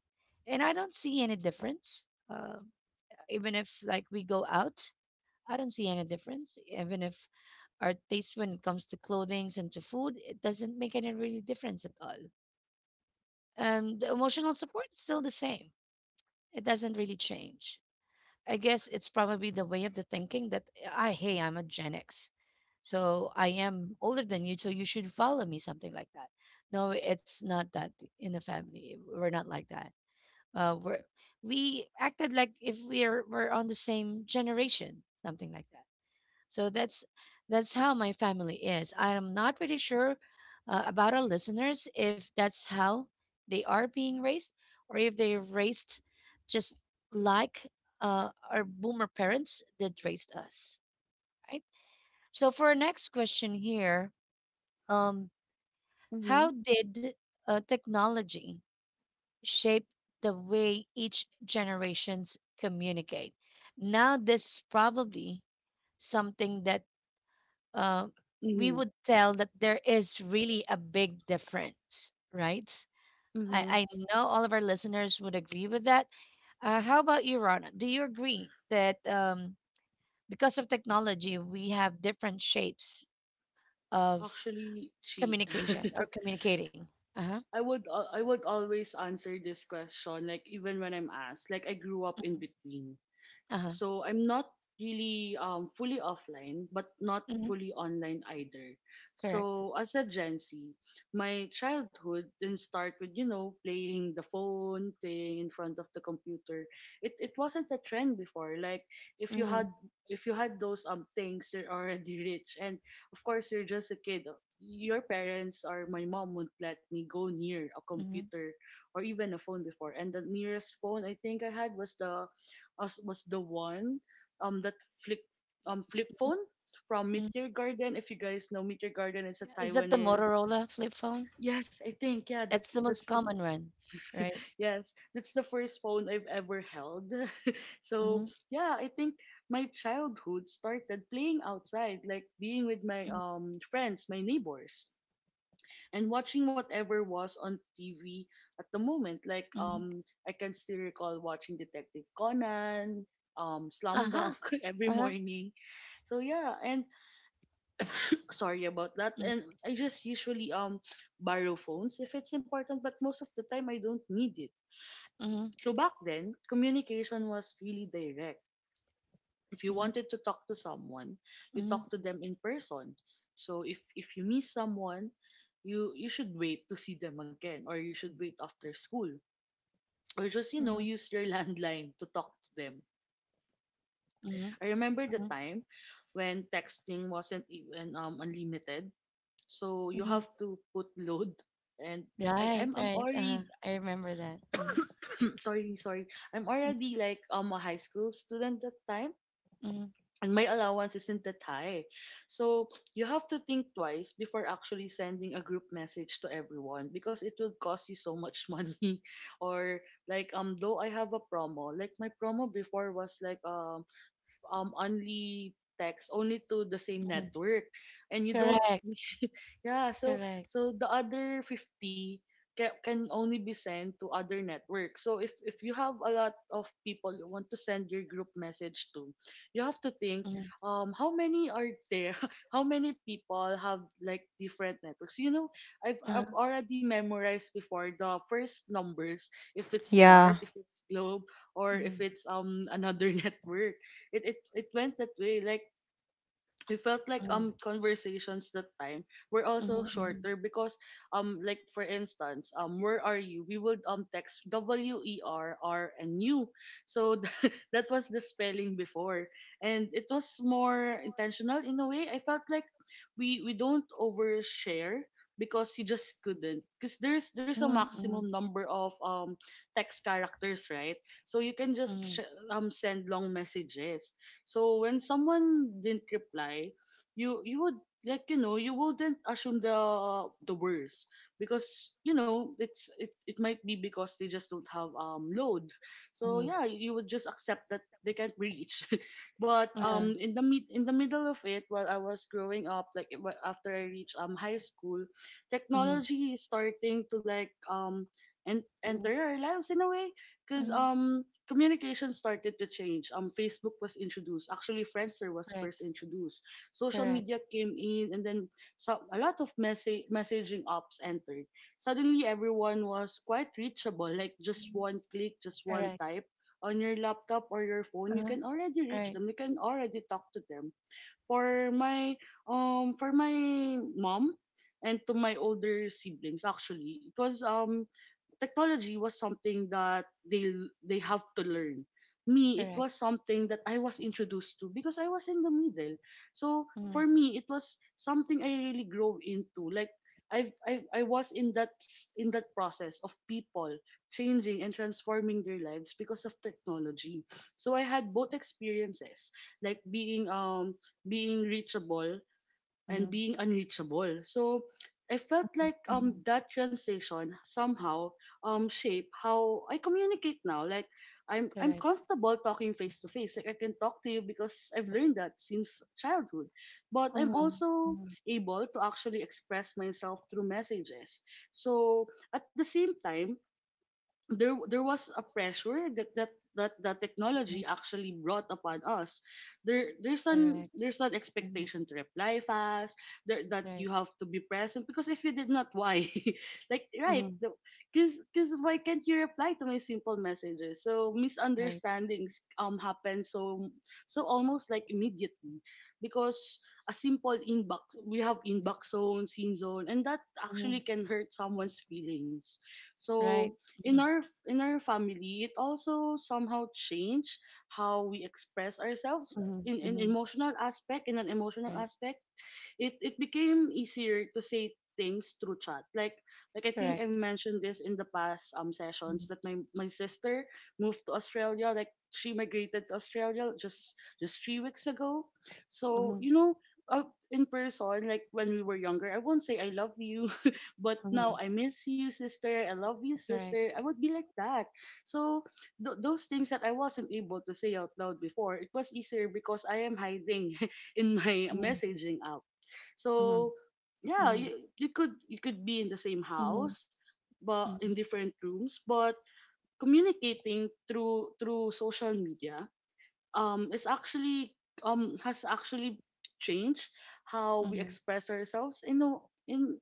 Speaker 1: And I don't see any difference. Uh, even if like we go out, I don't see any difference. Even if our taste when it comes to clothing and to food, it doesn't make any really difference at all. And the emotional support is still the same. It doesn't really change. I guess it's probably the way of the thinking that I hey, I'm a Gen X. So I am older than you, so you should follow me, something like that. No, it's not that in the family. We're not like that. Uh, we're we acted like if we're we're on the same generation, something like that. So that's that's how my family is. I am not pretty sure uh, about our listeners if that's how they are being raised or if they're raised just like uh, our boomer parents that raised us, right? So for our next question here, um,
Speaker 2: Mm-hmm.
Speaker 1: how did uh, technology shape the way each generations communicate? Now this is probably something that uh, we
Speaker 2: Mm-hmm.
Speaker 1: would tell that there is really a big difference, right? I,
Speaker 2: Mm-hmm.
Speaker 1: I know all of our listeners would agree with that. Uh, how about you, Rana? Do you agree that um, because of technology, we have different shapes of
Speaker 2: Actually she
Speaker 1: communication or communicating? Uh huh.
Speaker 2: (laughs) i would al- I would always answer this question, like even when I'm asked, like I grew up in between.
Speaker 1: Uh huh.
Speaker 2: So I'm not really um, fully offline, but not
Speaker 1: Hmm.
Speaker 2: fully online either.
Speaker 1: Correct.
Speaker 2: So as a Gen Z, my childhood didn't start with, you know, playing the phone, playing in front of the computer. It it wasn't a trend before. Like if you had
Speaker 1: Mm-hmm.
Speaker 2: if you had those um things, you're already rich, and of course you're just a kid. Your parents or my mom wouldn't let me go near a
Speaker 1: Hmm.
Speaker 2: computer or even a phone before. And the nearest phone I think I had was the us was the one um that flip um flip phone from Meteor Garden. If you guys know Meteor Garden, it's a
Speaker 1: Yeah. Is that the
Speaker 2: Taiwanese.
Speaker 1: Motorola flip phone?
Speaker 2: Yes, I think yeah,
Speaker 1: That's
Speaker 2: that's
Speaker 1: the most
Speaker 2: that's the
Speaker 1: common one, right?
Speaker 2: yes, that's the first phone I've ever held. (laughs) So
Speaker 1: Mm-hmm.
Speaker 2: yeah, I think my childhood started playing outside, like being with my um friends, my neighbors, and watching whatever was on T V at the moment. Like
Speaker 1: Mm-hmm.
Speaker 2: um, I can still recall watching Detective Conan, um,
Speaker 1: Uh
Speaker 2: Slam
Speaker 1: huh.
Speaker 2: Dunk (laughs) every
Speaker 1: Uh huh.
Speaker 2: morning. So yeah, and sorry about that. And I just usually um borrow phones if it's important, but most of the time I don't need it.
Speaker 1: Mm-hmm.
Speaker 2: So back then, communication was really direct. If you wanted to talk to someone, you
Speaker 1: Mhm,
Speaker 2: talk to them in person. So if if you miss someone, you you should wait to see them again, or you should wait after school, or just you know
Speaker 1: mhm,
Speaker 2: use your (laughs) landline to talk to them.
Speaker 1: mhm,
Speaker 2: I remember the
Speaker 1: mhm,
Speaker 2: time when texting wasn't even um unlimited, so you have
Speaker 1: mhm.
Speaker 2: to put load. And I, I'm,
Speaker 1: Right,
Speaker 2: I'm
Speaker 1: right.
Speaker 2: already
Speaker 1: Uh-huh. I remember that. Mm,
Speaker 2: (clears throat) sorry sorry, I'm
Speaker 1: mm,
Speaker 2: already like um a high school student that time,
Speaker 1: mhm,
Speaker 2: and my allowance isn't that high. So you have to think twice before actually sending a group message to everyone because it will cost you so much (laughs) money. Or like um though I have a promo, like my promo before was like um um only text only to the same
Speaker 1: mhm.
Speaker 2: network, and you don't
Speaker 1: Correct,
Speaker 2: (laughs) yeah, so
Speaker 1: correct.
Speaker 2: so the other fifty can, can only be sent to other networks. So if if you have a lot of people you want to send your group message to, you have to think
Speaker 1: Mhm,
Speaker 2: um how many are there, (laughs) how many people have like different networks, you know. i've i've
Speaker 1: uh-huh,
Speaker 2: already memorized before the first numbers, if it's Smart,
Speaker 3: yeah.
Speaker 2: if it's Globe, or if
Speaker 1: mhm,
Speaker 2: it's um another (laughs) network. It it, it went that way. Like we felt like
Speaker 1: mhm,
Speaker 2: um conversations that time were also
Speaker 1: mhm,
Speaker 2: shorter because um like for instance, um where are you, we would um text W E R R and U. So (laughs) th- that was the spelling before. And it was more intentional in a way. I felt like we we don't overshare because you just couldn't, because there's there's a
Speaker 1: mhm, mhm,
Speaker 2: maximum number of um text characters, right? So you can just
Speaker 1: mhm,
Speaker 2: sh- um send long messages. So when someone didn't reply, you you would like, you know, you wouldn't assume the the worst, because you know it's it, it might be because they just don't have um load.
Speaker 1: mhm,
Speaker 2: So
Speaker 1: mhm,
Speaker 2: yeah, you would just accept that they can't reach. (laughs) But
Speaker 1: uh-huh,
Speaker 2: um in the mid in the middle of it, while I was growing up, like it wa- after I reached um high school,
Speaker 1: mhm,
Speaker 2: technology is starting to like um and enter our lives in a way, because
Speaker 1: mhm.
Speaker 2: um communication started to change. Um, Facebook was introduced. Actually, Friendster was first
Speaker 1: Correct,
Speaker 2: introduced. Social media
Speaker 1: correct,
Speaker 2: came in, and then so a lot of message messaging apps entered. Suddenly, everyone was quite reachable. Like just one click, just one
Speaker 1: correct.
Speaker 2: type on your laptop or your phone, you
Speaker 1: Uh-huh,
Speaker 2: can already reach
Speaker 1: right,
Speaker 2: them. You can already talk to them. For my um, for my mom and to my older siblings, actually, it was um technology was something that they they have to learn me it was
Speaker 1: correct.
Speaker 2: something that I was introduced to because I was in the middle. So
Speaker 1: Mhm,
Speaker 2: for me it was something I really grow into. Like I've, I've I was in that s- in that process of people changing and transforming their lives because of technology, so I had both experiences, like being um being reachable and
Speaker 1: mhm,
Speaker 2: being unreachable. So I felt
Speaker 1: mhm,
Speaker 2: like um
Speaker 1: mhm.
Speaker 2: that transition somehow um shape how I communicate now. Like I'm I'm
Speaker 1: Correct.
Speaker 2: comfortable talking face to face. Like I can talk to you because I've learned that since childhood. But I'm
Speaker 1: Mhm,
Speaker 2: also
Speaker 1: mhm,
Speaker 2: able to actually express myself through messages. So at the same time, there there was a pressure that that that that
Speaker 1: mhm.
Speaker 2: technology actually brought upon us. there there's an
Speaker 1: Correct.
Speaker 2: there's an
Speaker 1: Mhm.
Speaker 2: expectation to reply fast there, that
Speaker 1: Right.
Speaker 2: you have to be present because if you did not, why? (laughs) Like
Speaker 1: Mhm,
Speaker 2: right, because because why can't you reply to my simple messages? So
Speaker 1: right.
Speaker 2: misunderstandings um happen, so so almost like immediately, because a simple inbox, we have inbox zone, scene zone, and that
Speaker 1: Mhm.
Speaker 2: actually can hurt someone's feelings. So
Speaker 1: Right.
Speaker 2: in
Speaker 1: Mhm,
Speaker 2: our in our family it also somehow changed how we express ourselves
Speaker 1: mhm,
Speaker 2: in, in
Speaker 1: mhm.
Speaker 2: emotional aspect, in an emotional
Speaker 1: Right.
Speaker 2: aspect. It it became easier to say things through chat. Like like I think I
Speaker 1: Correct.
Speaker 2: mentioned this in the past um sessions that my my sister moved to Australia. Like she migrated to Australia just just three weeks ago. So
Speaker 1: Mhm,
Speaker 2: you know. Uh, in person, like when we were younger, I won't say I love you, (laughs) but
Speaker 1: mhm.
Speaker 2: now I miss you, sister. I love you,
Speaker 1: Correct.
Speaker 2: sister. I would be like that. So th- those things that I wasn't able to say out loud before, it was easier because I am hiding (laughs) in my
Speaker 1: Mhm,
Speaker 2: messaging app.
Speaker 1: mhm,
Speaker 2: So yeah,
Speaker 1: mhm,
Speaker 2: you you could you could be in the same
Speaker 1: mhm,
Speaker 2: house, but
Speaker 1: mhm,
Speaker 2: in different rooms, but communicating through through social media um is actually um has actually changed how we
Speaker 1: mhm,
Speaker 2: express ourselves in a- in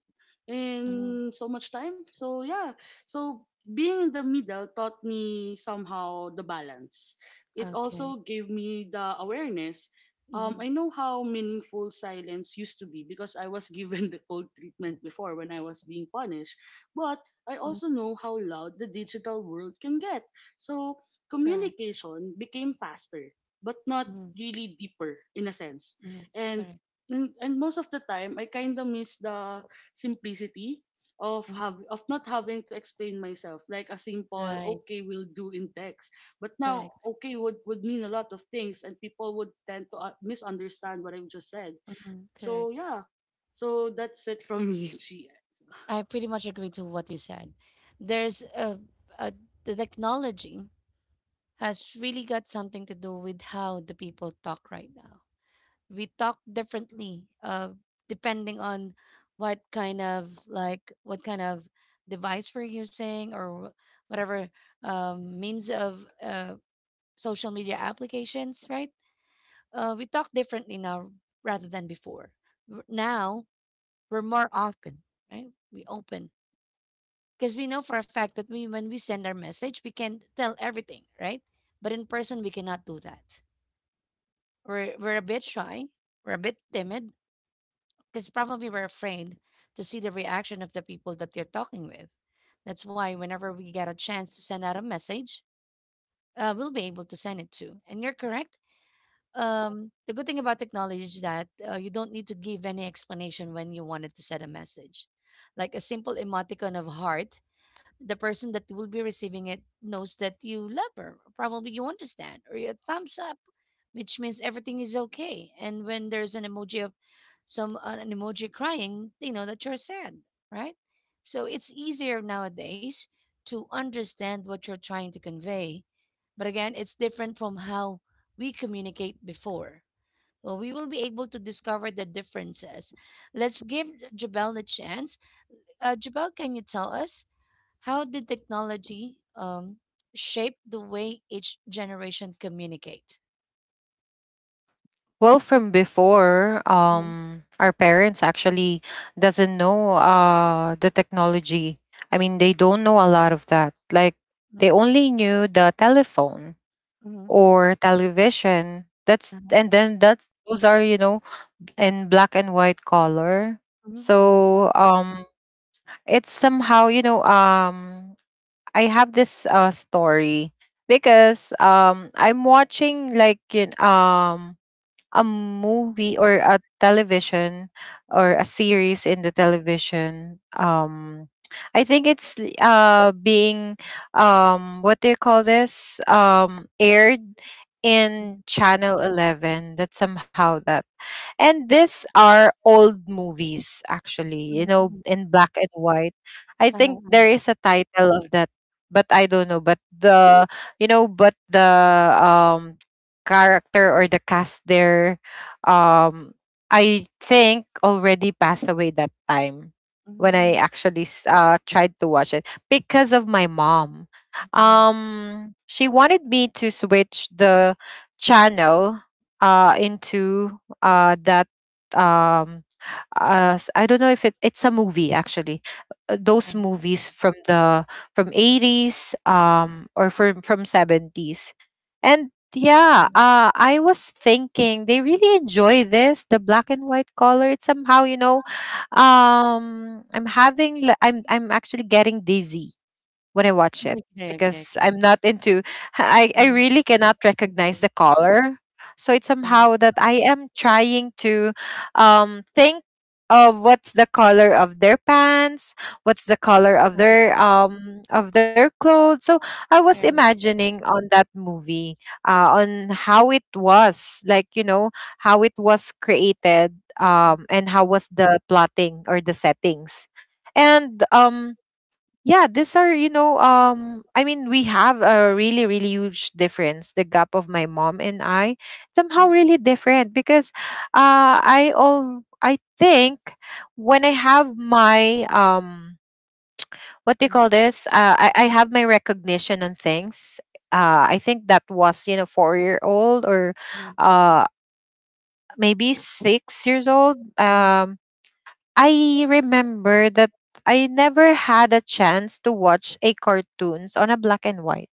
Speaker 1: mhm.
Speaker 2: in so much time, so yeah. So being in the middle taught me somehow the balance. It
Speaker 1: Okay.
Speaker 2: also gave me the awareness. um,
Speaker 1: Mhm,
Speaker 2: I know how meaningful silence used to be because I was given (laughs) the cold treatment before when I was being punished. But I
Speaker 1: mhm.
Speaker 2: also know how loud the digital world can get. So
Speaker 1: Correct.
Speaker 2: communication became faster but not
Speaker 1: Mhm,
Speaker 2: really deeper in a sense.
Speaker 1: mhm.
Speaker 2: And
Speaker 1: Correct.
Speaker 2: and, and most of the time, I kind of miss the simplicity of
Speaker 1: Mhm.
Speaker 2: have of not having to explain myself. Like a simple
Speaker 1: Right.
Speaker 2: okay will do in text, but now
Speaker 1: Correct.
Speaker 2: okay would would mean a lot of things and people would tend to uh, misunderstand what I've just said.
Speaker 1: Mhm.
Speaker 2: So
Speaker 1: Correct.
Speaker 2: yeah, so that's it from me. (laughs) Chi.
Speaker 1: I pretty much agree to what you said. There's a, a the technology has really got something to do with how the people talk right now. We talk differently uh, depending on what kind of like what kind of device we're using, or wh- whatever um, means of uh, social media applications, right? Uh, we talk differently now rather than before. W- now we're more open, right? We open because we know for a fact that we when we send our message, we can tell everything, right? But in person, we cannot do that. We're, we're a bit shy, we're a bit timid. Because probably we're afraid to see the reaction of the people that they're talking with. That's why whenever we get a chance to send out a message, uh, we'll be able to send it to. And you're correct. Um, the good thing about technology is that uh, you don't need to give any explanation when you wanted to send a message. Like a simple emoticon of heart, the person that will be receiving it knows that you love her. Probably you understand, or a thumbs up, which means everything is okay. And when there's an emoji of some uh, an emoji crying, they know that you're sad, right? So it's easier nowadays to understand what you're trying to convey. But again, it's different from how we communicate before. Well, we will be able to discover the differences. Let's give Jabel the chance. uh, Jabal, can you tell us how did technology um, shape the way each generation communicate?
Speaker 3: Well, from before,
Speaker 1: Mhm,
Speaker 3: um, our parents actually doesn't know uh the technology. I mean, they don't know a lot of that. Like
Speaker 1: mhm,
Speaker 3: they only knew the telephone
Speaker 1: mhm,
Speaker 3: or television. That's, and then that those are you know in black and white color.
Speaker 1: mhm, mhm.
Speaker 3: So um, it's somehow you know um, I have this uh story, because um I'm watching like in um a movie or a television or a series in the television um, I think it's l- uh being um what do you call this, um, aired in channel eleven. That's somehow that, and these are old movies, actually, you
Speaker 1: Mhm.
Speaker 3: know,
Speaker 1: Mhm.
Speaker 3: in black and white. I
Speaker 1: uh,
Speaker 3: think
Speaker 1: uh,
Speaker 3: there is a title of that, but I don't know, but the you know but the um character or the cast there um, I think already passed away that time. When i
Speaker 1: mhm,
Speaker 3: actually s- uh tried to watch it because of my mom,
Speaker 1: mhm.
Speaker 3: um, she wanted me to switch the channel uh into uh that um uh s- I don't know if it, it's a movie actually. Uh,
Speaker 1: uh,
Speaker 3: those movies from the from eighties um or from from seventies. And yeah,
Speaker 1: mhm.
Speaker 3: uh, I was thinking they really enjoy this, the black and white color. It's somehow, you know, um, I'm having, li- I'm, I'm actually getting dizzy when I watch it,
Speaker 1: Okay, okay,
Speaker 3: because
Speaker 1: okay.
Speaker 3: I'm not into, I, I
Speaker 1: uh,
Speaker 3: really cannot
Speaker 1: Thank you.
Speaker 3: recognize the color. So it's
Speaker 1: uh, That's
Speaker 3: somehow that I am trying to um think of what's the color of their pants, what's the color of their um of their clothes. So I was
Speaker 1: great.
Speaker 3: imagining on that movie uh on how it was like you know how it was created
Speaker 1: Mhm,
Speaker 3: um and how was the plotting or the settings. And um yeah, these are, you know, um, I mean, we have a really, really huge difference, the gap of my mom and I, somehow
Speaker 1: mhm,
Speaker 3: really different because uh I all I think when I have my um what do you call
Speaker 1: mhm,
Speaker 3: this? Uh I, I have my recognition on things. Uh I think that was, you know, four years old or
Speaker 1: mhm.
Speaker 3: uh maybe six years old.
Speaker 1: uh,
Speaker 3: Um I remember that I never had a chance to watch a cartoons on a black and white.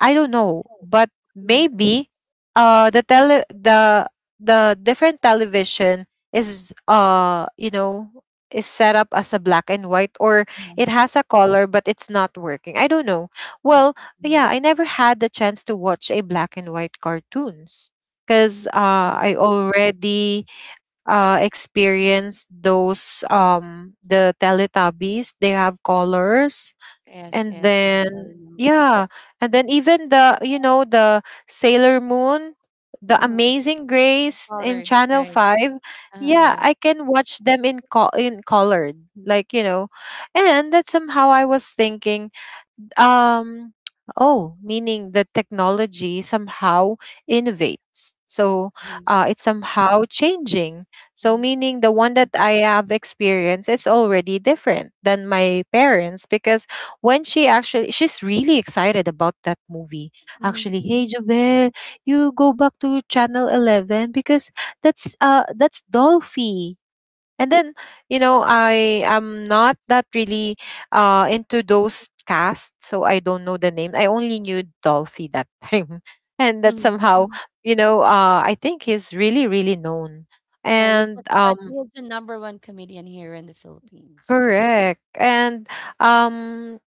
Speaker 3: I don't know, but
Speaker 1: uh,
Speaker 3: maybe uh the tele the the different television is uh you know is set up as a black and white, or it has a color but it's not working. I don't know.
Speaker 1: Right.
Speaker 3: Well,
Speaker 1: uh
Speaker 3: yeah, I never had the chance to watch a black and white cartoons because uh
Speaker 1: uh,
Speaker 3: I already uh experienced those um the Teletubbies. They have colors,
Speaker 1: Yes,
Speaker 3: and
Speaker 1: yes, yes. I
Speaker 3: then
Speaker 1: remember.
Speaker 3: yeah, and then even the you know the sailor moon, the
Speaker 1: Mhm.
Speaker 3: amazing grace in
Speaker 1: Colored,
Speaker 3: channel
Speaker 1: right?
Speaker 3: five,
Speaker 1: Uh,
Speaker 3: yeah,
Speaker 1: yeah.
Speaker 3: I can watch them in co- in colored, like you know. And that somehow I was thinking, um oh, meaning the technology somehow innovates. So
Speaker 1: Mhm,
Speaker 3: uh, it's somehow changing, so
Speaker 1: mhm,
Speaker 3: meaning the one that I have experienced is already different than my parents because when she actually she's really excited about that movie. Actually, hey
Speaker 1: mhm.
Speaker 3: Jovel, you go back to channel eleven because that's uh that's Dolphy. And then, you know, I am not that really uh into those casts, so I don't know the name. I only knew Dolphy that time. (laughs) And that somehow,
Speaker 1: Mm-hmm.
Speaker 3: you know, uh I think he's really, really known.
Speaker 1: Uh, he's the
Speaker 3: And
Speaker 1: uh,
Speaker 3: um
Speaker 1: he's the number one comedian here in the Philippines.
Speaker 3: correct. And um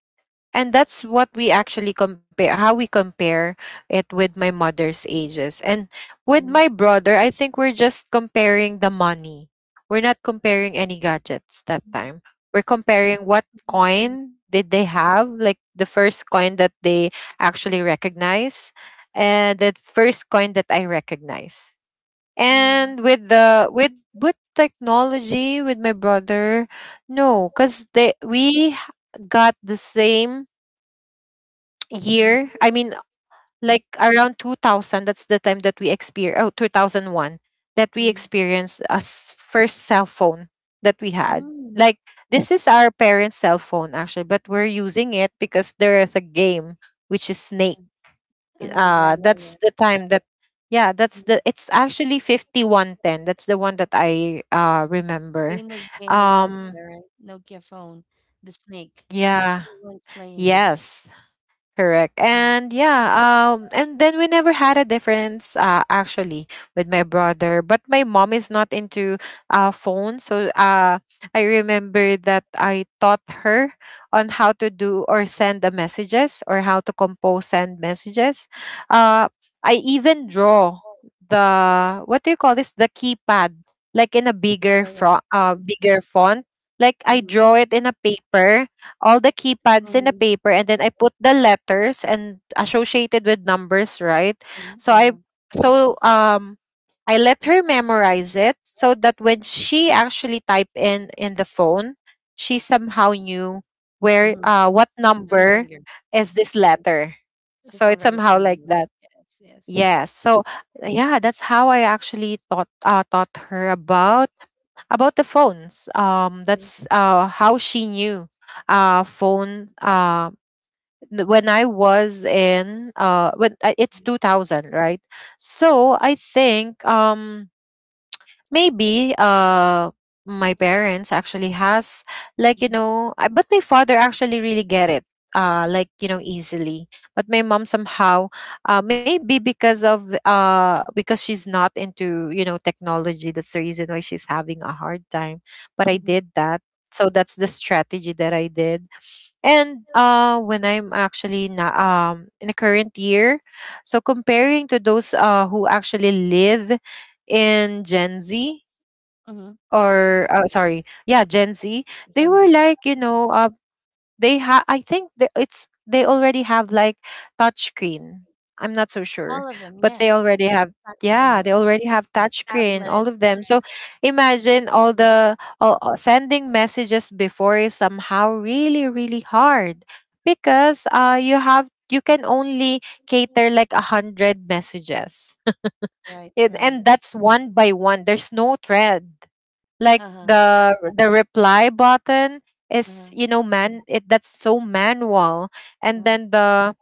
Speaker 3: and that's what we actually compare, how we compare it with my mother's ages. And with my
Speaker 1: Mhm,
Speaker 3: brother, I think we're just comparing the money, we're not comparing any gadgets that
Speaker 1: mhm,
Speaker 3: time. We're comparing what coin did they have, like the first coin that they actually recognize, and the first coin that I recognize.
Speaker 1: mhm,
Speaker 3: And with the with with technology, with my brother, no, because they we got the same year, I mean, like around two thousand, that's the time that we experience, oh, two thousand one, that we
Speaker 1: mhm,
Speaker 3: experienced a s- first cell phone that we had.
Speaker 1: mhm,
Speaker 3: Like, this is our parents cell phone actually, but
Speaker 1: mhm.
Speaker 3: we're using it because there is a game, which is snake.
Speaker 1: Uh-huh, yeah,
Speaker 3: uh
Speaker 1: yeah, yeah.
Speaker 3: that's the time that yeah, that's the it's actually fifty one ten, that's the one that I uh
Speaker 1: It's a
Speaker 3: remember.
Speaker 1: famous game in Nokia,
Speaker 3: um
Speaker 1: right? Nokia phone, the snake.
Speaker 3: yeah,
Speaker 1: Everyone's playing it.
Speaker 3: yes. Correct. And yeah, um and then we never had a difference uh actually with my brother, but my mom is not into uh phones. So uh I remember that I taught her on how to do or send the messages, or how to compose send messages. Uh I even draw the what do you call this? The keypad, like in a
Speaker 1: Yeah,
Speaker 3: bigger
Speaker 1: yeah, yeah.
Speaker 3: fro- uh bigger font. Like, I draw it in a paper, all the keypads in a
Speaker 1: Mhm,
Speaker 3: paper, and then I put the letters and associated with numbers, right?
Speaker 1: mhm.
Speaker 3: So I
Speaker 1: Uh-huh.
Speaker 3: so um I let her memorize it, so that when she actually type in in the phone, she somehow knew where
Speaker 1: Mm-hmm.
Speaker 3: uh what
Speaker 1: She's
Speaker 3: number
Speaker 1: familiar,
Speaker 3: is this
Speaker 1: right?
Speaker 3: letter. So
Speaker 1: She's
Speaker 3: it's
Speaker 1: already
Speaker 3: somehow like
Speaker 1: familiar.
Speaker 3: that. Yes. So yeah, that's how I actually taught uh taught her about about the phones, um that's uh how she knew uh phone uh n- when I was in uh when uh, it's two thousand, right? So I think um maybe uh my parents actually has, like you
Speaker 1: Mhm,
Speaker 3: know I, but my father actually really get it uh like you know easily. But my mom somehow uh maybe because of uh because she's not into, you know, technology, that's the reason why she's having a hard time. But I
Speaker 1: mhm,
Speaker 3: did that, so that's the strategy that I did. And uh when I'm actually na- um in the current year, so comparing to those uh who actually live in gen z,
Speaker 1: mhm.
Speaker 3: or uh, sorry, yeah, Gen Z, they
Speaker 1: Gen
Speaker 3: were
Speaker 1: Z.
Speaker 3: like, you know, uh, they have. I think the it's they already have like touchscreen. I'm not so sure,
Speaker 1: All of them,
Speaker 3: but they
Speaker 1: yes.
Speaker 3: already have.
Speaker 1: Touch, you
Speaker 3: Yeah, they
Speaker 1: like
Speaker 3: already have touchscreen, all
Speaker 1: tablets,
Speaker 3: of them. So
Speaker 1: right?
Speaker 3: imagine all
Speaker 1: Mhm.
Speaker 3: the all, all- sending messages before is somehow really, really hard because uh, you have you can only cater like a hundred messages
Speaker 1: Right,
Speaker 3: (laughs) and,
Speaker 1: right.
Speaker 3: and that's one by one. There's no thread, like
Speaker 1: Uh-huh,
Speaker 3: the the reply button is,
Speaker 1: uh-huh,
Speaker 3: you know, man, it that's so manual. And
Speaker 1: uh-huh.
Speaker 3: then the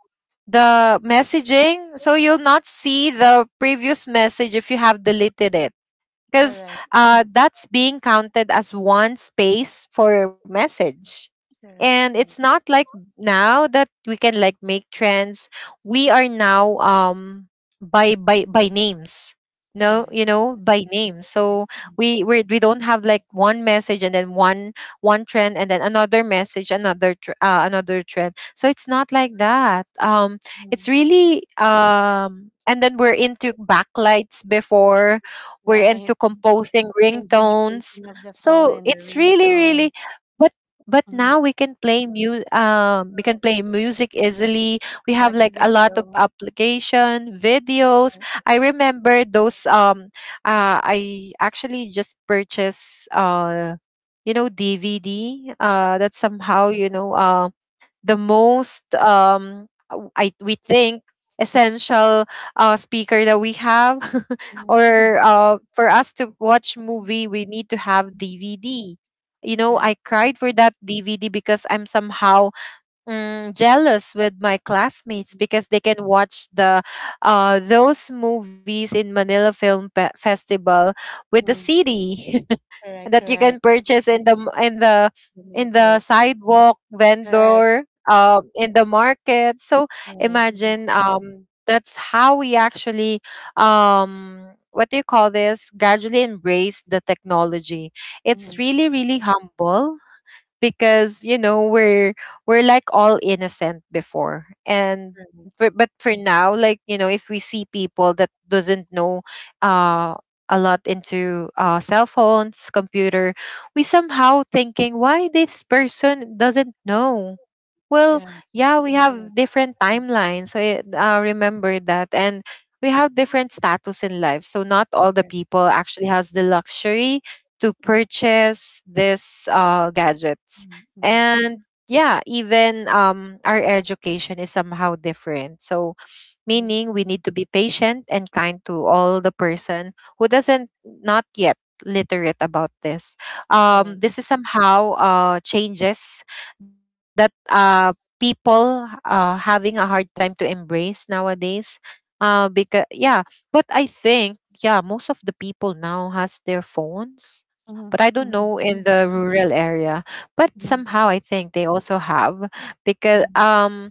Speaker 3: the messaging, so you'll not see the previous message if you have deleted it because
Speaker 1: Correct,
Speaker 3: uh, that's being counted as one space for message. And
Speaker 1: correct,
Speaker 3: it's not like now that we can like make trends, we are now um by by by names, no, you
Speaker 1: correct.
Speaker 3: know, by names.
Speaker 1: Right,
Speaker 3: So we we we don't have like one message and then one one trend, and then another message, another tr- uh, another trend. So it's not like that. Um it's
Speaker 1: mhm.
Speaker 3: really um and then we're into backlights before, we're
Speaker 1: Right.
Speaker 3: into composing
Speaker 1: Changing the
Speaker 3: ringtones.
Speaker 1: casing of the phone
Speaker 3: So
Speaker 1: and the
Speaker 3: it's really,
Speaker 1: ringtone,
Speaker 3: really, but but
Speaker 1: mm-hmm.
Speaker 3: now we can play mu- um we can play music
Speaker 1: Music,
Speaker 3: easily. We have
Speaker 1: watch
Speaker 3: like a lot of
Speaker 1: video.
Speaker 3: application, videos. I remember those um uh I actually just purchased uh you know D V D uh that somehow, you know, uh, the most um w- I we think essential uh speaker that we have (laughs)
Speaker 1: Mhm. (laughs)
Speaker 3: or uh for us to watch movie we need to have D V D. You know, I
Speaker 1: Right.
Speaker 3: cried for that D V D because I'm somehow mm, jealous with my classmates because they can watch the uh, those movies in Manila Film Pe- Festival with the
Speaker 1: Mhm.
Speaker 3: C D (laughs)
Speaker 1: Correct,
Speaker 3: that you can
Speaker 1: correct.
Speaker 3: purchase in the m- in the
Speaker 1: The
Speaker 3: in the
Speaker 1: market.
Speaker 3: sidewalk
Speaker 1: Correct.
Speaker 3: vendor, uh, in the market. So
Speaker 1: Yes.
Speaker 3: imagine um, that's how we actually um, what do you call this? Gradually embrace the technology. It's
Speaker 1: Mhm,
Speaker 3: really really humble because, you know, we're we're like all innocent before. And
Speaker 1: correct.
Speaker 3: but, but for now, like you know, if we see people that doesn't know uh a lot into uh cell phones, computer, we somehow thinking why this person doesn't know. Well,
Speaker 1: Yes.
Speaker 3: yeah, we have different timelines. So it, uh, remember that. And we have different status in life. So not all the
Speaker 1: Correct.
Speaker 3: people actually has the luxury to
Speaker 1: Mm-hmm.
Speaker 3: purchase this uh, gadgets,
Speaker 1: Mm-hmm.
Speaker 3: and yeah, even um, our education is somehow different. So meaning we need to be patient and kind to all the person who doesn't not yet literate about this. um
Speaker 1: Correct.
Speaker 3: this is somehow uh changes that uh people uh having a hard time to embrace nowadays uh because yeah, but I think yeah, most of the people now has their phones.
Speaker 1: Mm-hmm.
Speaker 3: But I don't
Speaker 1: Mm-hmm.
Speaker 3: know in the rural area, but somehow I think they also have because
Speaker 1: Mm-hmm.
Speaker 3: um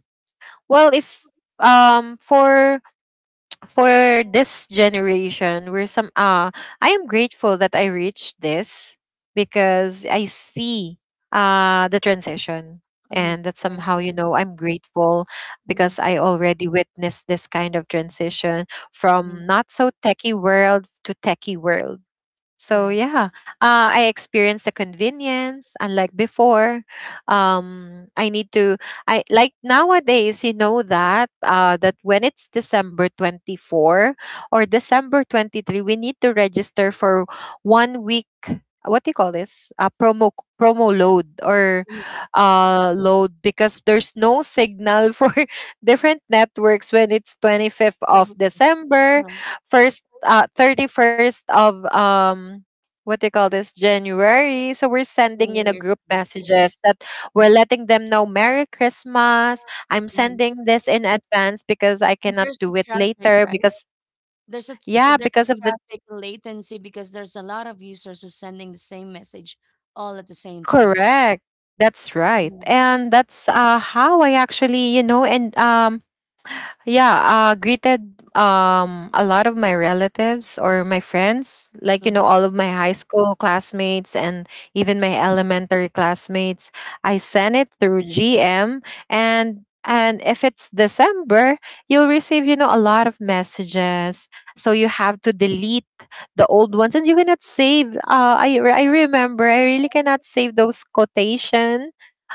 Speaker 3: well, if um for for this generation, we're some uh I am grateful that I reached this, because I see uh the transition,
Speaker 1: Mm-hmm.
Speaker 3: and that
Speaker 1: Right,
Speaker 3: somehow,
Speaker 1: right.
Speaker 3: you know, I'm grateful because I already witnessed this kind of transition from
Speaker 1: Mm-hmm.
Speaker 3: not so techie world to techie world. So
Speaker 1: Correct.
Speaker 3: yeah, uh, I experienced the convenience, unlike before. Um, I need to, I like nowadays, you know that uh, that when it's December twenty four or December twenty three, we need to register for one week. What do you call this? A promo promo load, or
Speaker 1: Mhm.
Speaker 3: uh load, because there's no signal for (laughs) different networks when it's twenty fifth
Speaker 1: Ready
Speaker 3: of
Speaker 1: for
Speaker 3: December, first uh, thirty first of um what do you call this, January. So we're
Speaker 1: the
Speaker 3: sending, you
Speaker 1: New
Speaker 3: know,
Speaker 1: Year's
Speaker 3: group
Speaker 1: Eve. Yes.
Speaker 3: messages that we're letting them know Merry Christmas. I'm sending this in advance because I
Speaker 1: And
Speaker 3: cannot
Speaker 1: there's a
Speaker 3: do it
Speaker 1: traffic,
Speaker 3: later
Speaker 1: right?
Speaker 3: because
Speaker 1: There's a s- uh,
Speaker 3: yeah,
Speaker 1: there's a
Speaker 3: because of the
Speaker 1: traffic latency because there's a lot of users who's sending the same message all at the same time.
Speaker 3: correct. That's right.
Speaker 1: Mm-hmm.
Speaker 3: And that's uh how I actually, you know, and um yeah, uh greeted um a lot of my relatives or my friends, like you know,
Speaker 1: Hmm,
Speaker 3: all of my high school classmates, and even my elementary classmates. I sent it through gm. and and if it's december, you'll receive, you know, a lot of messages, so you have to delete the old ones. And you cannot save uh i, re- I remember I really cannot save those quotations,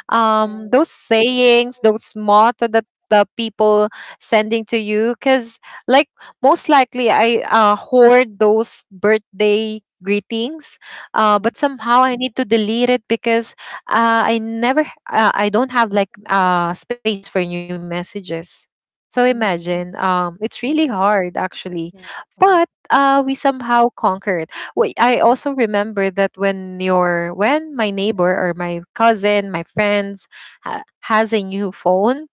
Speaker 3: um those sayings, those motto that the people sending to you because, like, most likely I uh, hoard those birthday greetings, uh,
Speaker 1: hmm,
Speaker 3: but somehow I need to delete it because uh, i never uh, I don't have like uh, space for new messages. So
Speaker 1: hmm.
Speaker 3: imagine um, it's really hard actually.
Speaker 1: Correct.
Speaker 3: But
Speaker 1: Correct.
Speaker 3: uh, we somehow conquer. Wait, I also remember that when your when my neighbor or my cousin, my friends ha- has a new phone,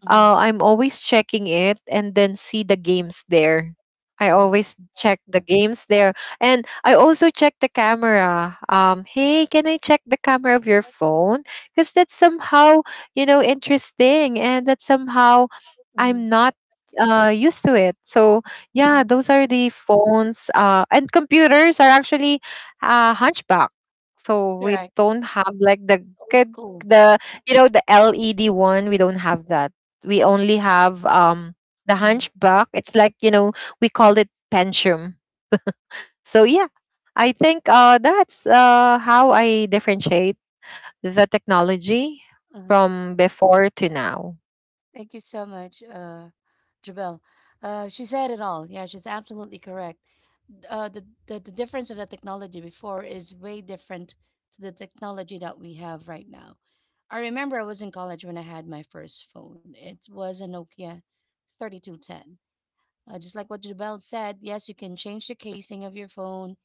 Speaker 1: Mm-hmm.
Speaker 3: uh, I'm always checking it, and then see the games there. I
Speaker 1: Uh-huh.
Speaker 3: always check the games there. And I also check the camera. Um, hey, can I check the camera of your phone? Because that's somehow, you know, interesting, and that somehow
Speaker 1: Hmm,
Speaker 3: I'm not uh used to it. So yeah,
Speaker 1: hmm.
Speaker 3: those are the phones. Uh and computers are actually uh hunchback. So we
Speaker 1: Correct.
Speaker 3: don't have like the
Speaker 1: Old
Speaker 3: good,
Speaker 1: school.
Speaker 3: the you know the L E D one, we don't have that. We only have um the
Speaker 1: Mm-hmm.
Speaker 3: hunchback, it's like, you know, we called it penchum. So yeah, I think uh that's uh how I differentiate the technology
Speaker 1: Uh-huh.
Speaker 3: from before to now.
Speaker 1: Thank you so much, uh, Jabel. Uh, she said it all. Yeah, she's absolutely correct. uh, the, the the difference of the technology before is way different to the technology that we have right now. I remember I was in college when I had my first phone. It was a Nokia thirty-two ten. Uh, just like what Jubel said, yes, you can change the casing of your phone.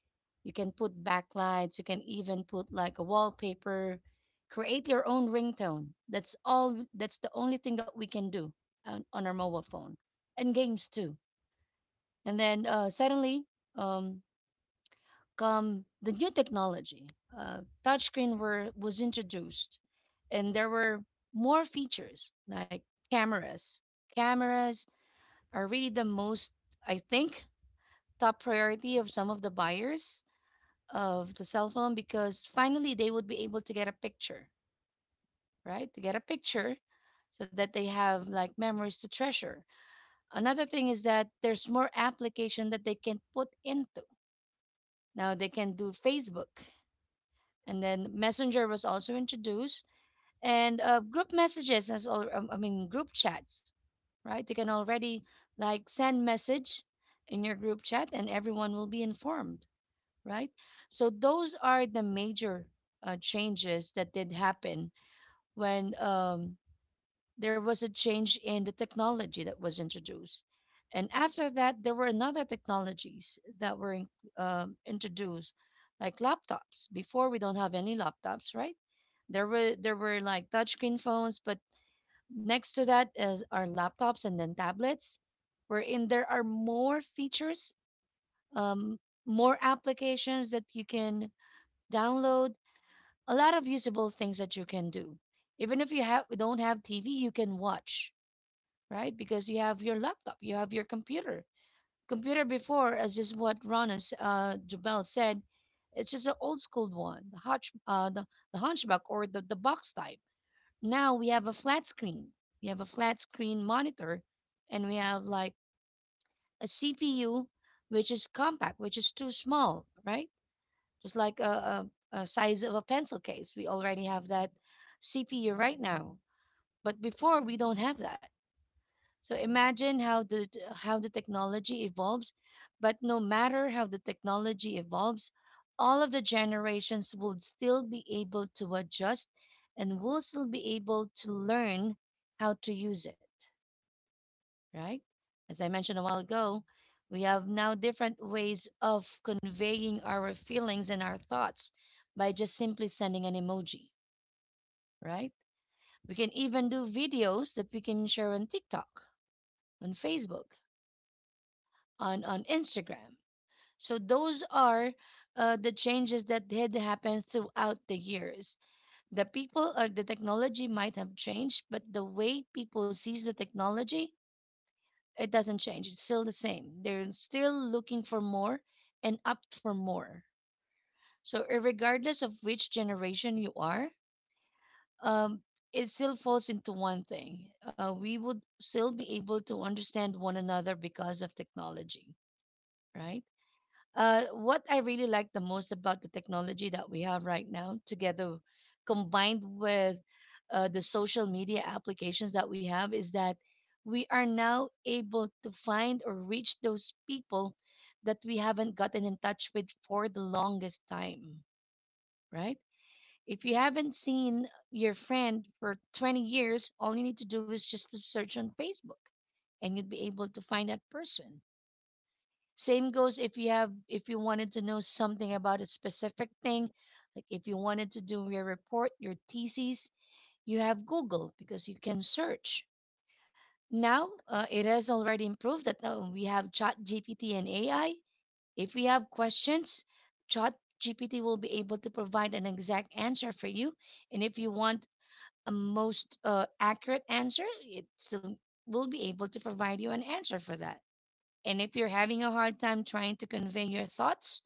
Speaker 1: You can put backlights. You can even put like a wallpaper. Create your own ringtone. That's all. That's the only thing that we can do on, on our mobile phone, and games too. And then uh, suddenly, um, come the new technology. Uh, Touchscreen were was introduced, and there were more features like cameras. Cameras are really the most, I think, top priority of some of the buyers of the cell phone, because finally they would be able to get a picture, right? To get a picture so that they have like memories to treasure. Another thing is that there's more application that they can put into. Now they can do Facebook, and then messenger was also introduced, and uh, group messages as all, um, i mean, group chats, right? You can already like send message in your group chat and everyone will be informed, right? So those are the major uh, changes that did happen when, um, there was a change in the technology that was introduced. And after that, there were another technologies that were in, um, introduced, like laptops. Before we don't have any laptops, right? There were there were like touchscreen phones, but next to that is are laptops and then tablets, wherein there are more features, um, more applications that you can download, a lot of usable things that you can do. Even if you have don't have T V, you can watch, right? Because you have your laptop, you have your computer. Computer before, as just what Rana s- uh, Jubel said, it's just an old school one, the, hunch, uh, the, the hunchback, or the, the box type. Now we have a flat screen. We have a flat screen monitor, and we have like a C P U, which is compact, which is too small, right? Just like a, a, a size of a pencil case. We already have that C P U right now. But before, we don't have that. So imagine how the t- how the technology evolves, but no matter how the technology evolves, all of the generations will still be able to adjust and will still be able to learn how to use it, right? As I mentioned a while ago, we have now different ways of conveying our feelings and our thoughts by just simply sending an emoji, right? We can even do videos that we can share on TikTok, on Facebook, on on Instagram. So those are uh, the changes that did happen throughout the years. The people or the technology might have changed, but the way people sees the technology, it doesn't change. It's still the same. They're still looking for more and up for more. So regardless of which generation you are, um, it still falls into one thing. Uh, we would still be able to understand one another because of technology, right? Uh, what I really like the most about the technology that we have right now, together combined with uh, the social media applications that we have, is that we are now able to find or reach those people that we haven't gotten in touch with for the longest time, right? If you haven't seen your friend for twenty years, all you need to do is just to search on Facebook, and you'd be able to find that person. Same goes if you have, if you wanted to know something about a specific thing, like if you wanted to do your report, your thesis, you have Google because you can search. Now, uh, it has already improved that uh, we have Chat G P T and A I. If we have questions, Chat G P T will be able to provide an exact answer for you. And if you want a most uh, accurate answer, it still will be able to provide you an answer for that. And if you're having a hard time trying to convey your thoughts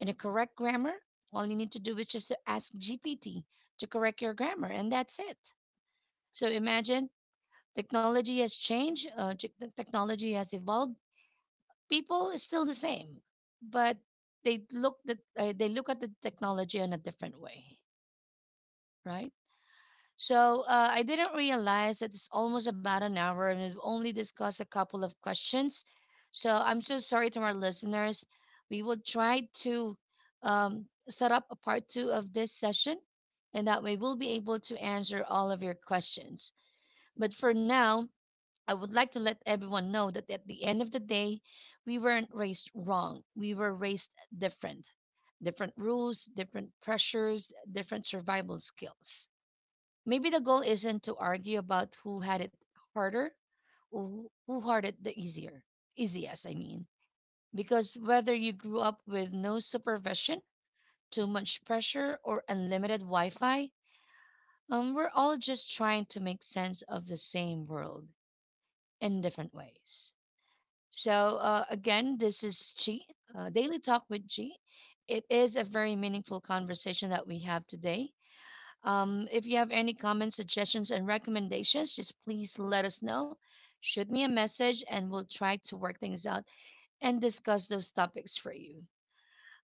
Speaker 1: in a correct grammar, all you need to do is just to ask G P T to correct your grammar, and that's it. So imagine, technology has changed, uh, tech- the technology has evolved. People is still the same, but they look that uh, they look at the technology in a different way, right? So uh, I didn't realize that it's almost about an hour and we've only discussed a couple of questions. So I'm so sorry to our listeners. We will try to um, set up a part two of this session, and that way we'll be able to answer all of your questions. But for now, I would like to let everyone know that at the end of the day, we weren't raised wrong. We were raised different. Different rules, different pressures, different survival skills. Maybe the goal isn't to argue about who had it harder or who who had it the easier, easiest, I mean. Because whether you grew up with no supervision, too much pressure, or unlimited Wi Fi, um, we're all just trying to make sense of the same world in different ways. So, uh, again, this is Chi, uh, Daily Talk with Chi. It is a very meaningful conversation that we have today. Um, if you have any comments, suggestions, and recommendations, just please let us know. Shoot me a message and we'll try to work things out and discuss those topics for you.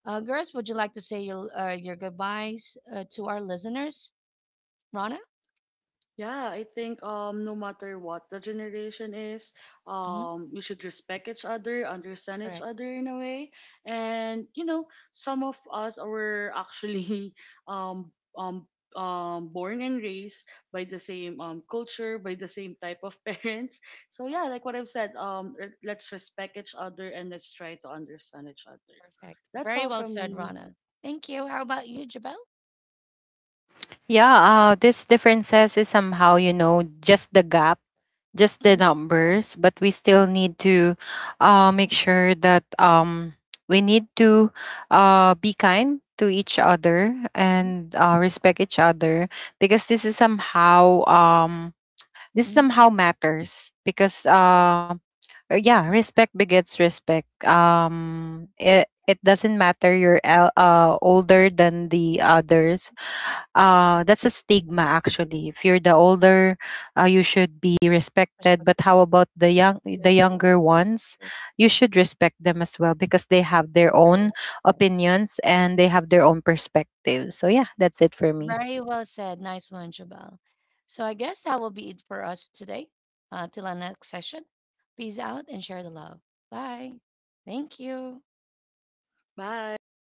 Speaker 1: Uh, girls, would you like to say your, uh, your goodbyes uh, to our listeners? Rana?
Speaker 2: Yeah, I think um no matter what the generation is,
Speaker 1: Hmm.
Speaker 2: um we should respect each other, understand each
Speaker 1: Correct.
Speaker 2: other in a way. And you know, some of us were actually (laughs) um um um born and raised by the same um culture, by the same type of (laughs) parents. So yeah, like what I've said, um re- let's respect each other and let's try to understand each other.
Speaker 1: Perfect.
Speaker 2: That's
Speaker 1: Very
Speaker 2: all
Speaker 1: well
Speaker 2: from
Speaker 1: said,
Speaker 2: me.
Speaker 1: Rana. Thank you. How about you, Jabel?
Speaker 3: Yeah, uh this differences is somehow, you know, just the gap, just the
Speaker 1: Hmm.
Speaker 3: numbers, but we still need to uh, make sure that um, we need to uh, be kind to each other, and uh, respect each other because this is somehow um, this
Speaker 1: Hmm.
Speaker 3: somehow matters because
Speaker 1: Correct.
Speaker 3: uh, uh, yeah, respect begets respect. Um, it it doesn't matter you're el- uh, older than the others. uh, that's a stigma actually. If you're the older, uh, you should be respected.
Speaker 1: Perspective.
Speaker 3: But how about the young,
Speaker 1: The
Speaker 3: the
Speaker 1: younger one.
Speaker 3: younger ones? You should respect them as well because they have their
Speaker 1: Very
Speaker 3: own
Speaker 1: well said.
Speaker 3: opinions and they have their own perspective. So yeah, that's it for me.
Speaker 1: Very well said. Nice one, Jabal. So I guess that will be it for us today. Uh, till our next session. Peace out and share the love. Bye. Thank you.
Speaker 2: Bye.